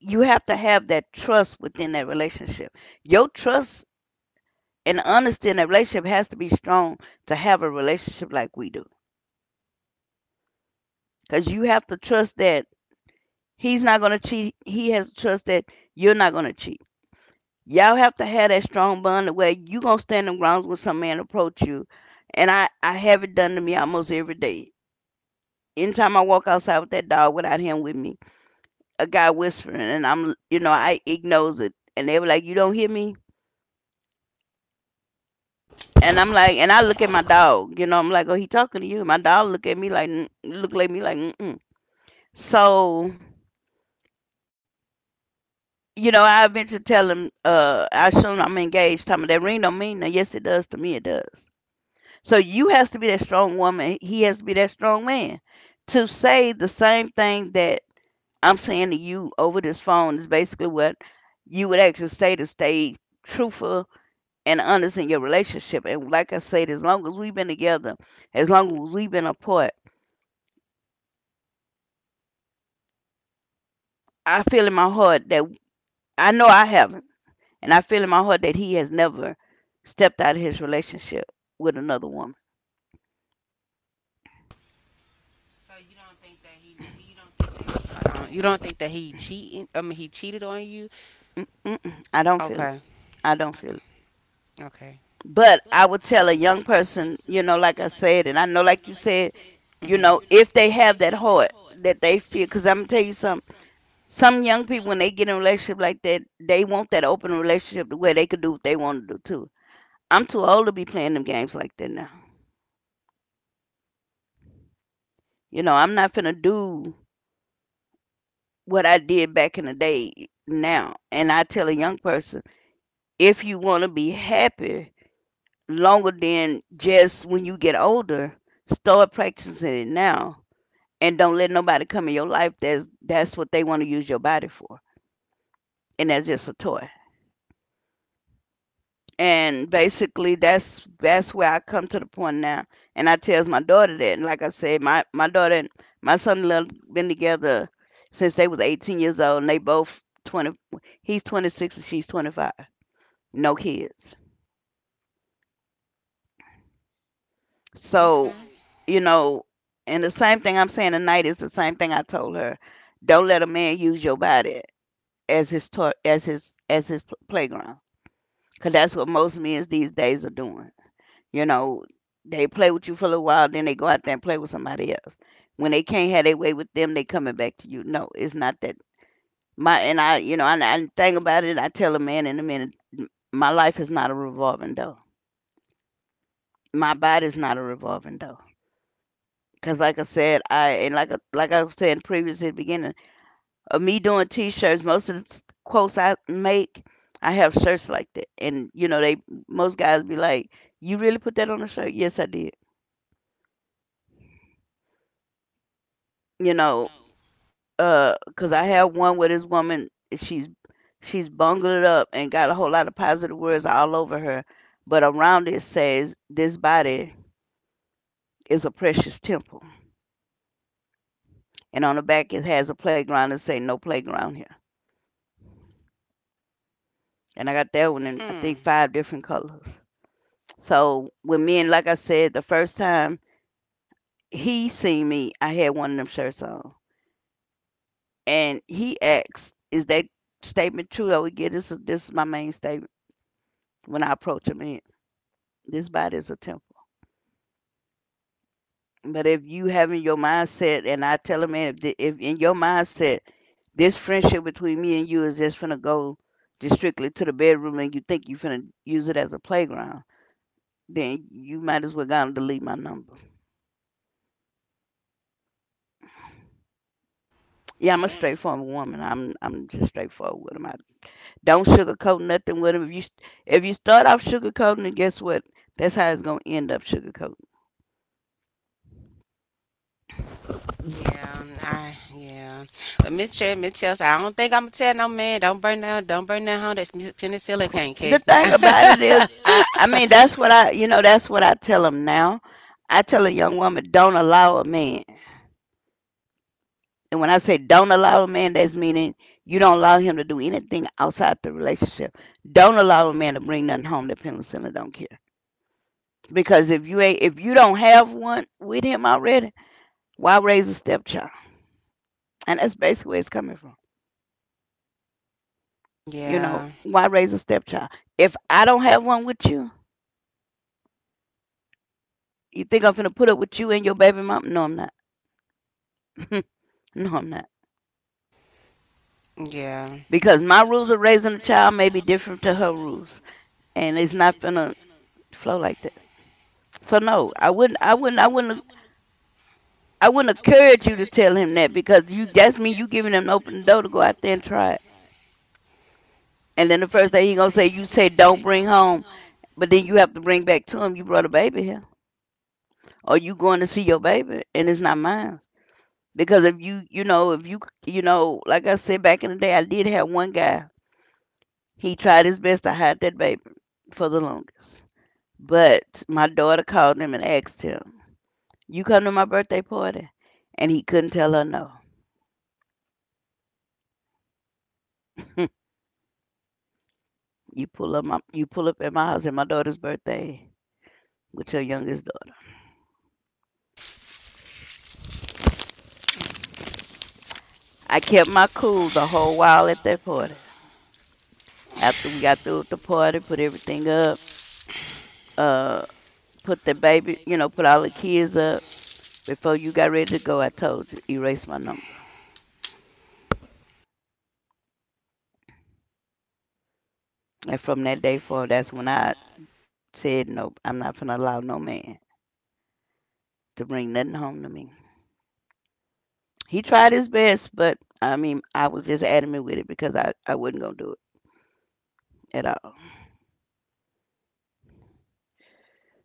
Speaker 2: you have to have that trust within that relationship. Your trust and honesty in that relationship has to be strong to have a relationship like we do. Because you have to trust that he's not gonna cheat. He has to trust that you're not gonna cheat. Y'all have to have that strong bond where you gonna stand on grounds when some man approach you. And I have it done to me almost every day. Anytime I walk outside with that dog without him with me, a guy whispering, and I'm, you know, I ignores it, and they were like, "You don't hear me," and I'm like, and I look at my dog, you know, I'm like, "Oh, he talking to you?" My dog look at me like, "Mm," look at me like, mm-mm. So you know, I eventually tell him, I show him I'm engaged. Tell him that ring don't mean nothing. Yes, it does to me. It does. So you has to be that strong woman. He has to be that strong man. To say the same thing that I'm saying to you over this phone is basically what you would actually say to stay truthful and honest in your relationship. And like I said, as long as we've been together, as long as we've been apart, I feel in my heart that I know I haven't, and I feel in my heart that he has never stepped out of his relationship with another woman.
Speaker 1: Hold on. You don't think that he cheating? I mean, he cheated on you?
Speaker 2: Mm-mm, I don't feel it.
Speaker 1: Okay.
Speaker 2: I don't feel it.
Speaker 1: Okay.
Speaker 2: But I would tell a young person, you know, like I said, and I know, like you said, you
Speaker 1: Mhm.
Speaker 2: know, if they have that heart that they feel, because I'm gonna tell you something. Some young people, when they get in a relationship like that, they want that open relationship to where they could do what they want to do too. I'm too old to be playing them games like that now. You know, I'm not finna do what I did back in the day now. And I tell a young person, if you wanna be happy longer than just when you get older, start practicing it now. And don't let nobody come in your life that's what they want to use your body for. And that's just a toy. And basically, that's where I come to the point now. And I tells my daughter that, and like I said, my daughter and my son in law been together since they was 18 years old, and they both 20. He's 26 and she's 25. No kids. So,
Speaker 1: Okay.
Speaker 2: you know, and the same thing I'm saying tonight is the same thing I told her. Don't let a man use your body as his toy, as his playground, because that's what most men these days are doing. You know, they play with you for a little while, then they go out there and play with somebody else. When they can't have their way with them, they coming back to you. No, it's not that. My and I, you know, and I think about it. I tell a man in a minute, my life is not a revolving door. My body's not a revolving door. Cause like I said, I and like I said previously at the beginning of me doing T-shirts, most of the quotes I make, I have shirts like that, and you know, they most guys be like, "You really put that on a shirt?" Yes, I did. You know, 'cause I had one with this woman. She's she's bungled it up and got a whole lot of positive words all over her, but around it says, "This body is a precious temple," and on the back it has a playground that say, "No playground here." And I got that one in I think
Speaker 1: Mm.
Speaker 2: five different colors. So when me and like I said, the first time he seen me, I had one of them shirts on, and he asked, "Is that statement true?" I would get this. This is my main statement when I approach him. In this body is a temple. But if you having your mindset, and I tell a man, if in your mindset, this friendship between me and you is just finna go just strictly to the bedroom, and you think you finna use it as a playground, then you might as well go and delete my number. Yeah, I'm a straightforward woman. I'm just straightforward with 'em. I don't sugarcoat nothing with 'em. If you start off sugarcoating, then guess what? That's how it's gonna end up sugarcoat.
Speaker 1: Yeah. But Miss Chelsea, I don't think I'ma tell no man. Don't burn down home. That's penicillin can't
Speaker 2: The
Speaker 1: catch now.
Speaker 2: thing about it is I mean that's what I you know that's what I tell them now. I tell a young woman, don't allow a man, and when I say don't allow a man, that's meaning you don't allow him to do anything outside the relationship. Don't allow a man to bring nothing home that penal center don't care, because if you ain't if you don't have one with him already, why raise a stepchild? And that's basically where it's coming from. You know,
Speaker 1: Yeah,
Speaker 2: why raise a stepchild if I don't have one with you? You think I'm gonna put up with you and your baby mom? No, I'm not. No, I'm not,
Speaker 1: yeah,
Speaker 2: because my rules of raising a child may be different to her rules, and it's not gonna flow like that. So no, I wouldn't encourage you to tell him that because you that's me you giving him an open door to go out there and try it. And then the first day he gonna say, you say don't bring home, but then you have to bring back to him you brought a baby here, or you going to see your baby and it's not mine. Because if you, you know, if you, you know, like I said back in the day, I did have one guy. He tried his best to hide that baby for the longest. But my daughter called him and asked him, "You come to my birthday party?" And he couldn't tell her no. You pull up at my house at my daughter's birthday with your youngest daughter. I kept my cool the whole while at that party. After we got through with the party, put everything up, uh, put the baby, you know, put all the kids up. Before you got ready to go, I told you, erase my number. And from that day forward, that's when I said, no, I'm not gonna allow no man to bring nothing home to me. He tried his best, but I mean, I was just adamant with it because I wasn't going to do it at all.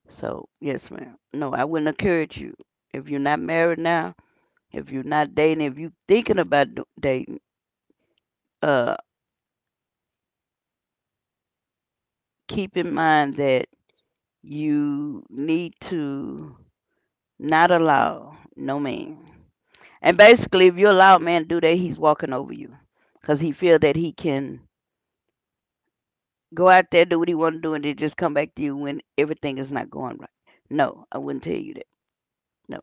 Speaker 2: So, yes, ma'am. No, I wouldn't encourage you. If you're not married now, if you're not dating, if you're thinking about dating, uh, keep in mind that you need to not allow no man. And basically, if you allow a man to do that, he's walking over you because he feel that he can go out there, do what he want to do, and then just come back to you when everything is not going right. No, I wouldn't tell you that. No,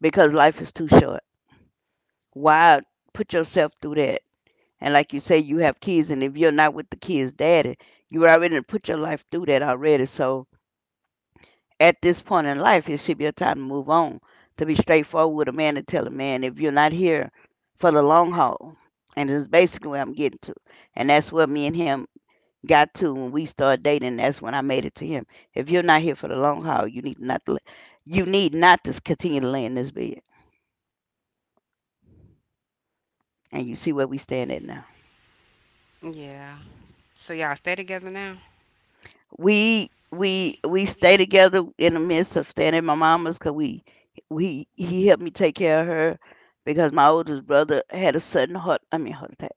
Speaker 2: because life is too short. Why put yourself through that? And like you say, you have kids, and if you're not with the kids' daddy, you already done put your life through that already. So at this point in life, it should be a time to move on, to be straightforward with a man and tell a man, if you're not here for the long haul, and it's basically where I'm getting to. And that's what me and him got to when we started dating. That's when I made it to him. If you're not here for the long haul, you need not to continue to lay in this bed. And you see where we stand at now.
Speaker 1: yeah. So y'all stay together now?
Speaker 2: We stay together in the midst of staying at my mama's because we he helped me take care of her because my oldest brother had a sudden heart I mean heart attack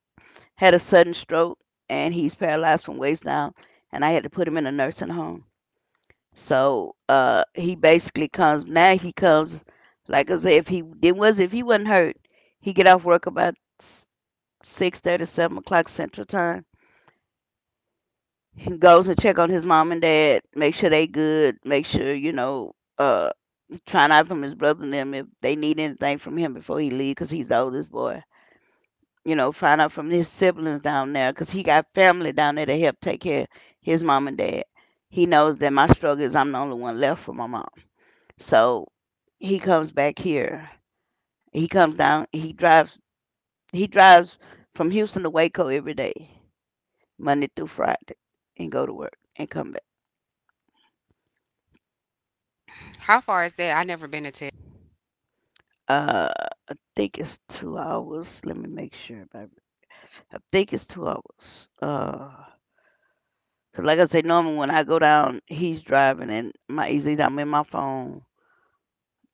Speaker 2: had a sudden stroke and he's paralyzed from waist down and I had to put him in a nursing home. So he basically comes now he comes, like I said, if he it was if he wasn't hurt, he get off work about six thirty, seven o'clock central time. He goes and check on his mom and dad, make sure they good, make sure uh, find out from his brother and them if they need anything from him before he leave, 'cause he's the oldest boy. You know, find out from his siblings down there, 'cause he got family down there to help take care of his mom and dad. He knows that my struggle is I'm the only one left for my mom, so he comes back here. He comes down. He drives. He drives from Houston to Waco every day, Monday through Friday, and go to work and come back.
Speaker 1: How far is that? I never been to Texas.
Speaker 2: Uh, think it's two hours. Let me make sure. But I think it's two hours. 'Cause like I say, normally when I go down, he's driving, and my easy, I'm in my phone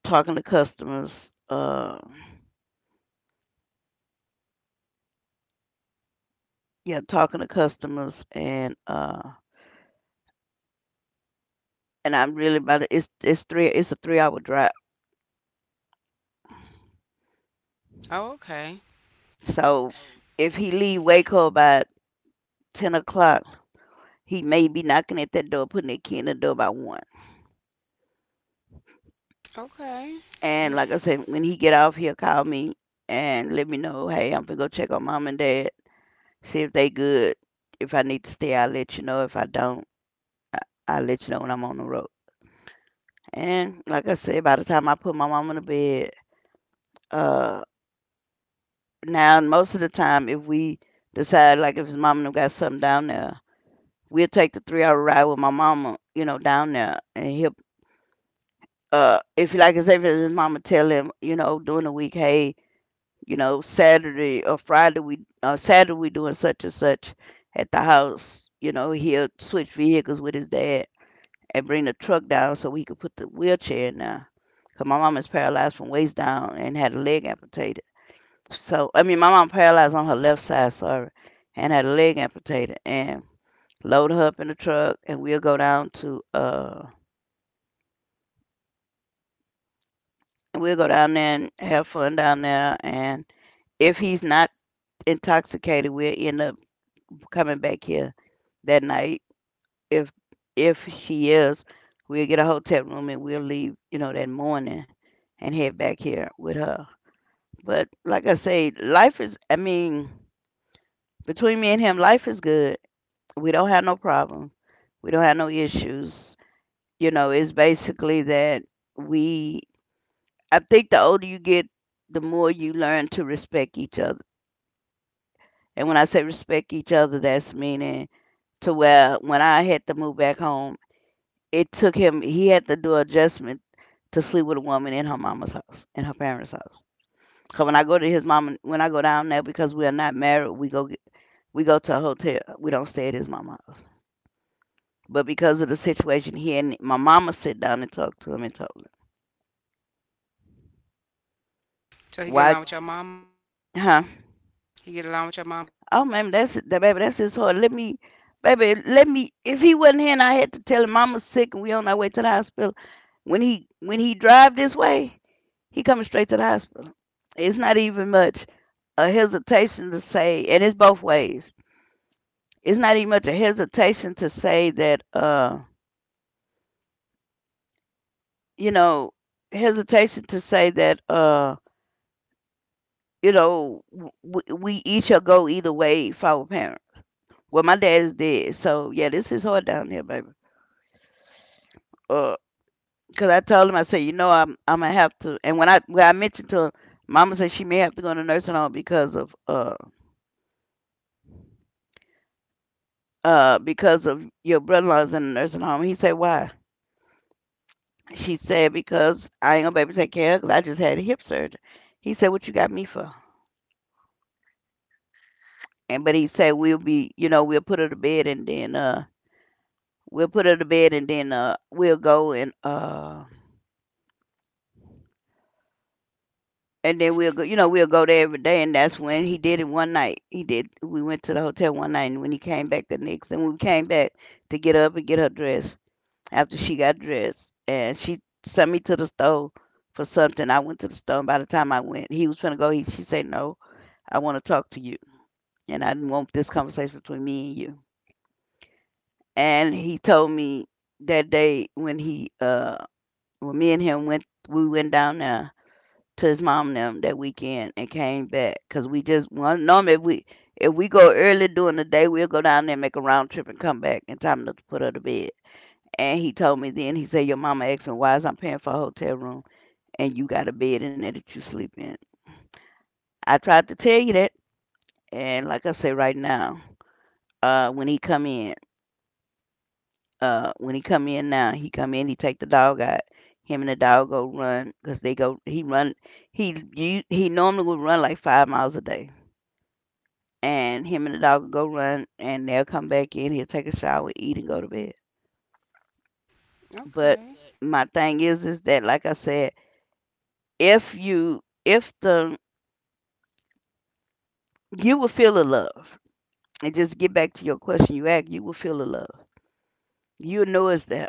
Speaker 2: talking to customers. Yeah, talking to customers, and I'm really about it. It's a three-hour drive.
Speaker 1: Oh, okay.
Speaker 2: So if he leave Waco by ten o'clock, he may be knocking at that door, putting their key in the door by one.
Speaker 1: Okay.
Speaker 2: And
Speaker 1: You
Speaker 2: like I said, when he get off, he'll call me and let me know, hey, I'm gonna go check on mom and dad, see if they good. If I need to stay, I'll let you know. If I don't, I- I'll let you know when I'm on the road. And like I said, by the time I put my mom in the bed, uh, now most of the time, if we decide, like if his mom and them got something down there, we'll take the three-hour ride with my mama, you know, down there, and he'll. If like I said, if his mama tell him, you know, during the week, hey, you know, Saturday or Friday we Saturday we doing such and such at the house. You know, he'll switch vehicles with his dad and bring the truck down so he could put the wheelchair in there. 'Cause my mom is paralyzed from waist down and had a leg amputated. So I mean, my mom paralyzed on her left side, sorry, and had a leg amputated. And load her up in the truck, and we'll go down to and we'll go down there and have fun down there. And if he's not intoxicated, we'll end up coming back here that night. If if she is, we'll get a hotel room and we'll leave, you know, that morning and head back here with her. But like I say, life is I mean, between me and him, life is good. We don't have no problem. We don't have no issues. You know, it's basically that we I think the older you get, the more you learn to respect each other. And when I say respect each other, that's meaning to where when I had to move back home, it took him. He had to do adjustment to sleep with a woman in her mama's house, in her parents' house. So when I go to his mama, when I go down there because we are not married, we go to a hotel. We don't stay at his mama's house. But because of the situation, he and my mama sit down and talk to him and told him
Speaker 1: So he get
Speaker 2: why,
Speaker 1: along with your mom?
Speaker 2: huh?
Speaker 1: He get along with your mom?
Speaker 2: Oh, man, that's it. That baby, that's his heart. Let me, baby, let me. If he wasn't here, and I had to tell him mama's sick and we on our way to the hospital. When he drive this way, he coming straight to the hospital. It's not even much a hesitation to say, and it's both ways. It's not even much a hesitation to say that, you know, hesitation to say that, you know, we each shall go either way if I were parent. Well, my dad is dead, so yeah, this is hard down here, baby. Uh, Cause I told him, I said, you know, I'm gonna have to, and when I mentioned to him, mama said she may have to go to nursing home because of your brother-in-law's in the nursing home. He said, why? She said, because I ain't gonna be able to take care of because I just had hip surgery. He said, what you got me for? And but he said, we'll be, you know, we'll put her to bed and then we'll put her to bed and then we'll go and then we'll go, you know, we'll go there every day. And that's when he did it one night. He did. We went to the hotel one night, and when he came back the next, and we came back to get up and get her dressed after she got dressed and she sent me to the store for something. I went to the store and by the time I went, he was trying to go. She said, no, I want to talk to you. And I didn't want this conversation between me and you. And he told me that day when he, when me and him went, we went down there to his mom and them that weekend and came back. Cause we just, one, normally if we go early during the day, we'll go down there and make a round trip and come back in time enough to put her to bed. And he told me then, he said, your mama asked me, why is I'm paying for a hotel room and you got a bed in there that you sleep in? I tried to tell you that. And like I say right now, uh, when he come in, when he come in now, he come in, he take the dog out. Him and the dog go run, 'cause they go, he run, he, you, he normally would run like 5 miles a day. And him and the dog would go run and they'll come back in, he'll take a shower, eat and go to bed. But
Speaker 1: Okay.
Speaker 2: my thing is that like I said, if you, if the you will feel the love. And just get back to your question you asked, you will feel the love. You'll know it's there.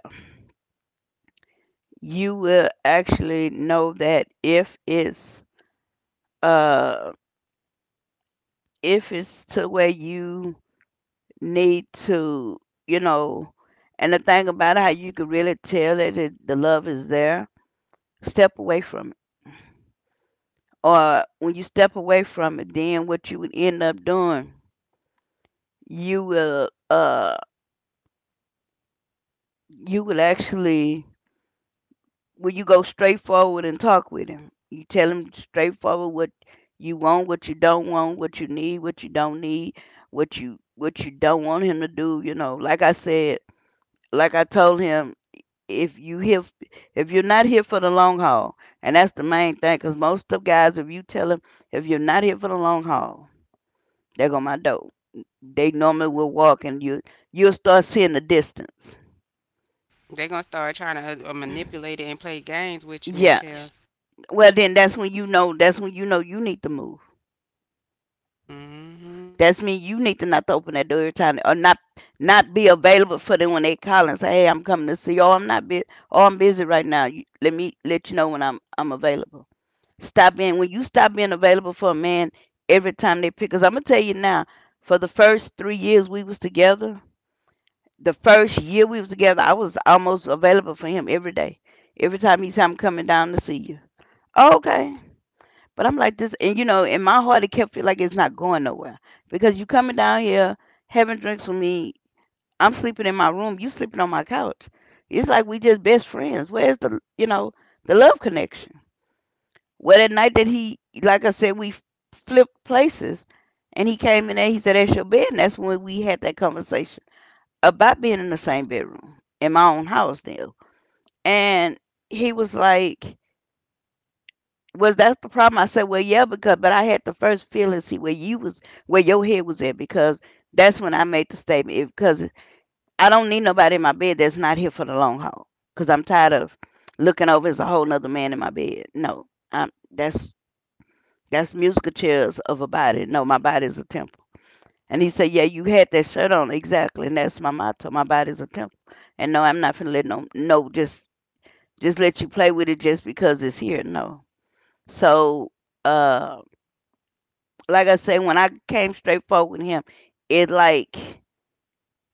Speaker 2: You will actually know that uh if it's to where you need to, you know, and the thing about it, how you can really tell that the love is there, step away from it. Or when you step away from it, then what you would end up doing, you will uh you will actually when you go straightforward and talk with him. You tell him straightforward what you want, what you don't want, what you need, what you don't need, what you don't want him to do. You know, like I said, like I told him, if you here, if you're not here for the long haul, and that's the main thing, 'cause most of guys, if you tell them if you're not here for the long haul, they go my dope. They normally will walk, and you'll start seeing the distance.
Speaker 1: But they gonna start trying to manipulate it and play games with you, yeah,
Speaker 2: Yeah.
Speaker 1: Michelle. Yes.
Speaker 2: Well, then that's when you know. That's when you know you need to move.
Speaker 1: Mm-hmm.
Speaker 2: That's mean you need to not to open that door every time or not be available for them when they call and say, hey, I'm coming to see you. Oh, I'm not busy. Oh, I'm busy right now. Let me let you know when I'm available. Stop being when you stop being available for a man every time they pick. Cause I'm gonna tell you now, for the first 3 years we was together, the first year we was together, I was almost available for him every day. Every time he said, I'm coming down to see you. "Oh, okay." But I'm like this, and you know, in my heart, it kept feel like it's not going nowhere because you coming down here having drinks with me. I'm sleeping in my room. You sleeping on my couch. It's like we just best friends. Where's the, you know, the love connection? Well, that night that he, like I said, we flipped places, and he came in there. He said, "That's your bed," and that's when we had that conversation about being in the same bedroom in my own house now. And he was like, was that's the problem? I said, well, yeah, because but I had to first feel and see where you was, where your head was at, because that's when I made the statement. If, because I don't need nobody in my bed that's not here for the long haul. Because I'm tired of looking over as a whole nother man in my bed. No, I'm that's musical chairs of a body. No, my body is a temple. And he said, yeah, you had that shirt on exactly, and that's my motto. My body is a temple. And no, I'm not finna let no no just just let you play with it just because it's here. No. So. uh. Like I say, when I came straight forward with him, it like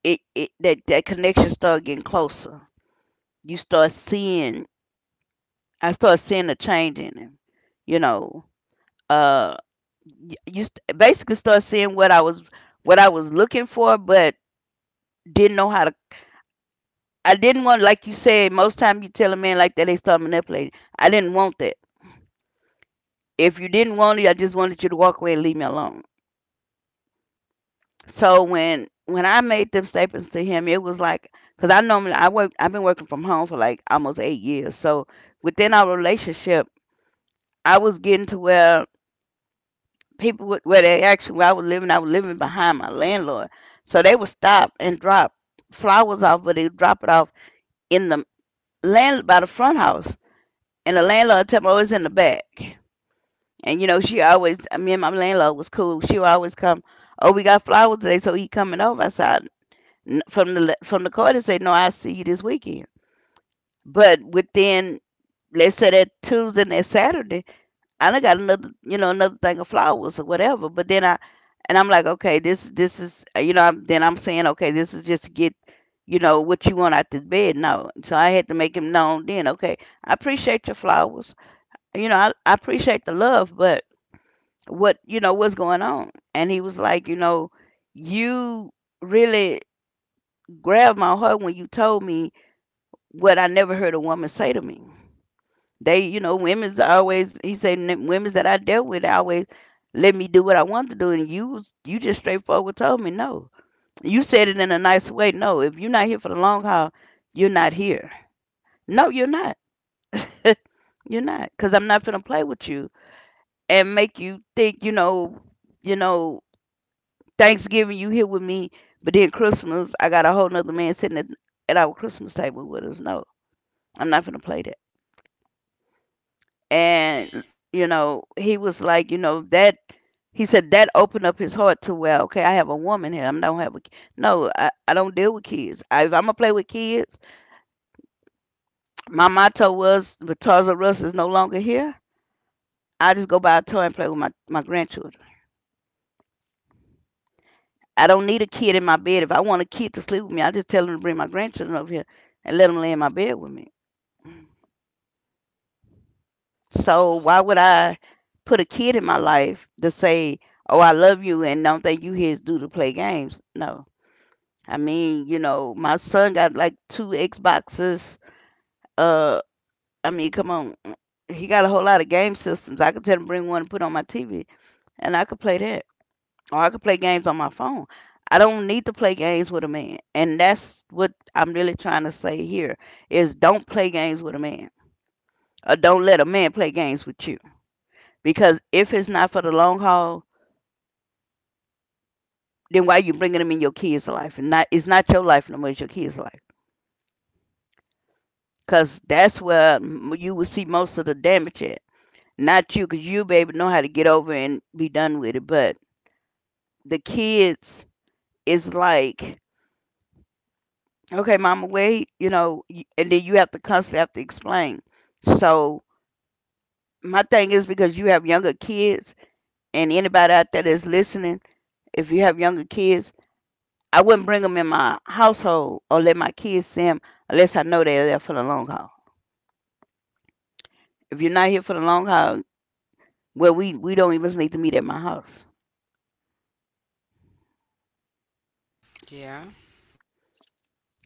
Speaker 2: it that that connection started getting closer. You start seeing, I start seeing a change in him. You know, uh, Basically start seeing what I was looking for, but didn't know how to. I didn't want, like you said, most time you tell a man like that, they start manipulating. I didn't want that. If you didn't want it, I just wanted you to walk away and leave me alone. So when I made them statements to him, it was like because I normally I work I've been working from home for like almost 8 years. So within our relationship, I was getting to where people would, where they actually where I was living behind my landlord. So they would stop and drop flowers off, but they would drop it off in the land by the front house, and the landlord tell me, "Oh, it's in the back." And you know, she always me and my landlord was cool. She would always come. Oh, we got flowers today, so he coming over. I said, from the court and say, "No, I see you this weekend." But within, let's say that Tuesday and that Saturday, I done got another, you know, another thing of flowers or whatever. But then I, and I'm like, okay, this is, you know, I'm saying, okay, this is just to get, you know, what you want out this bed. No, so I had to make him known. Then, okay, I appreciate your flowers. You know, I appreciate the love, but what, you know, what's going on? And he was like, you know, you really grabbed my heart when you told me what I never heard a woman say to me. They, you know, women's always. He said, "N- women's that I dealt with always let me do what I wanted to do, and you just straightforward told me no. You said it in a nice way. No, if you're not here for the long haul, you're not here. No, you're not. You're not, cause I'm not gonna play with you and make you think, you know, Thanksgiving you here with me, but then Christmas I got a whole nother man sitting at our Christmas table with us. No, I'm not gonna play that. And you know he was like, you know that he said that opened up his heart to, well, okay, I have a woman here. I don't have a no I don't deal with kids. I, if I'm gonna play with kids, my motto was, because of Russ is no longer here, I just go buy a toy and play with my grandchildren. I don't need a kid in my bed. If I want a kid to sleep with me, I just tell them to bring my grandchildren over here and let them lay in my bed with me. So why would I put a kid in my life to say, oh, I love you, and don't think you here is due to play games. No, I mean, you know, my son got like two Xboxes. Uh, I mean, come on, he got a whole lot of game systems. I could tell him to bring one and put on my TV, and I could play that, or I could play games on my phone. I don't need to play games with a man, and that's what I'm really trying to say here: is don't play games with a man, or don't let a man play games with you. Because if it's not for the long haul, then why you bringing them in your kids' life? And not, it's not your life no more; it's your kids' life. Cause that's where you will see most of the damage at. Not you, cause you'll be able to know how to get over and be done with it. But the kids is like, okay, mama, wait, you know, and then you have to constantly have to explain. So my thing is, because you have younger kids, and anybody out there that's listening, if you have younger kids, I wouldn't bring them in my household or let my kids see them unless I know they're there for the long haul. If you're not here for the long haul, well, we don't even need to meet at my house.
Speaker 1: Yeah.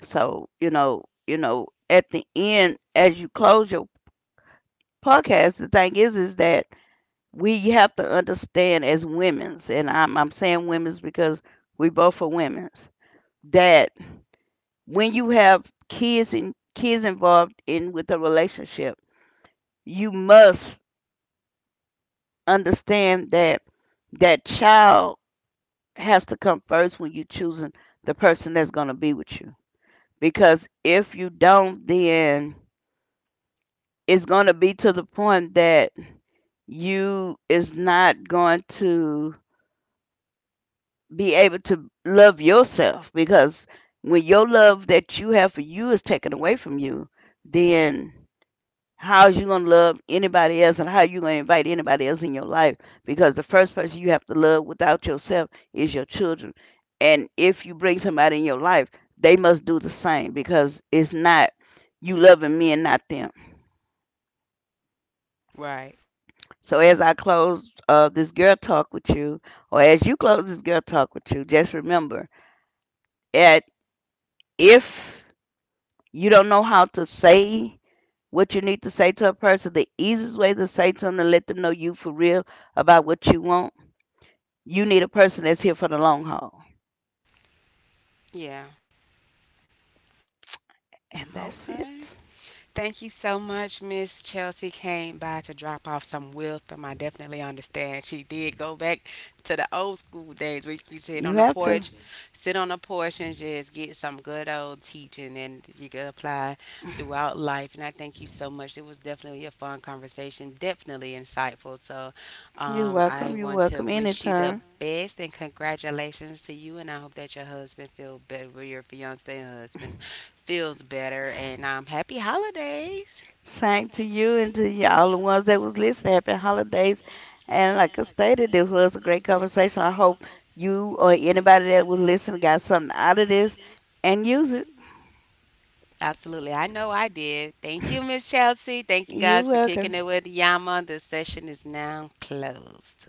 Speaker 2: So, you know, at the end, as you close your podcast, the thing is that we have to understand as women's, and I'm saying women's because we both are women's, that when you have kids and kids involved in with a relationship, you must understand that that child has to come first when you choosing the person that's going to be with you. Because if you don't, then it's going to be to the point that you is not going to be able to love yourself, because when your love that you have for you is taken away from you, then how is you gonna love anybody else, and how are you gonna invite anybody else in your life? Because the first person you have to love without yourself is your children. And if you bring somebody in your life, they must do the same, because it's not you loving me and not them.
Speaker 1: Right.
Speaker 2: So as I close this girl talk with you, or as you close this girl talk with you, just remember that if you don't know how to say what you need to say to a person, the easiest way to say to them to let them know you for real about what you want, you need a person that's here for the long haul.
Speaker 1: Yeah.
Speaker 2: And that's
Speaker 1: Okay.
Speaker 2: it.
Speaker 1: Thank you so much, Miss Chelsea came by to drop off some wisdom. I definitely understand. She did go back to the old school days where you sit on
Speaker 2: You
Speaker 1: the
Speaker 2: have to.
Speaker 1: porch, sit on the porch and just get some good old teaching and you can apply throughout life. And I thank you so much. It was definitely a fun conversation, definitely insightful. So
Speaker 2: You're
Speaker 1: I
Speaker 2: welcome. You're
Speaker 1: want to
Speaker 2: welcome
Speaker 1: wish you the
Speaker 2: anytime.
Speaker 1: best and congratulations to you. And I hope that your fiance and husband feels better. And happy holidays.
Speaker 2: Same to you and to all the ones that was listening. Happy holidays. And like I stated, this was a great conversation. I hope you or anybody that was listening got something out of this and use it.
Speaker 1: Absolutely. I know I did. Thank you, Miss Chelsea. Thank you
Speaker 2: You're
Speaker 1: guys for
Speaker 2: welcome.
Speaker 1: kicking it with Yama. The session is now closed.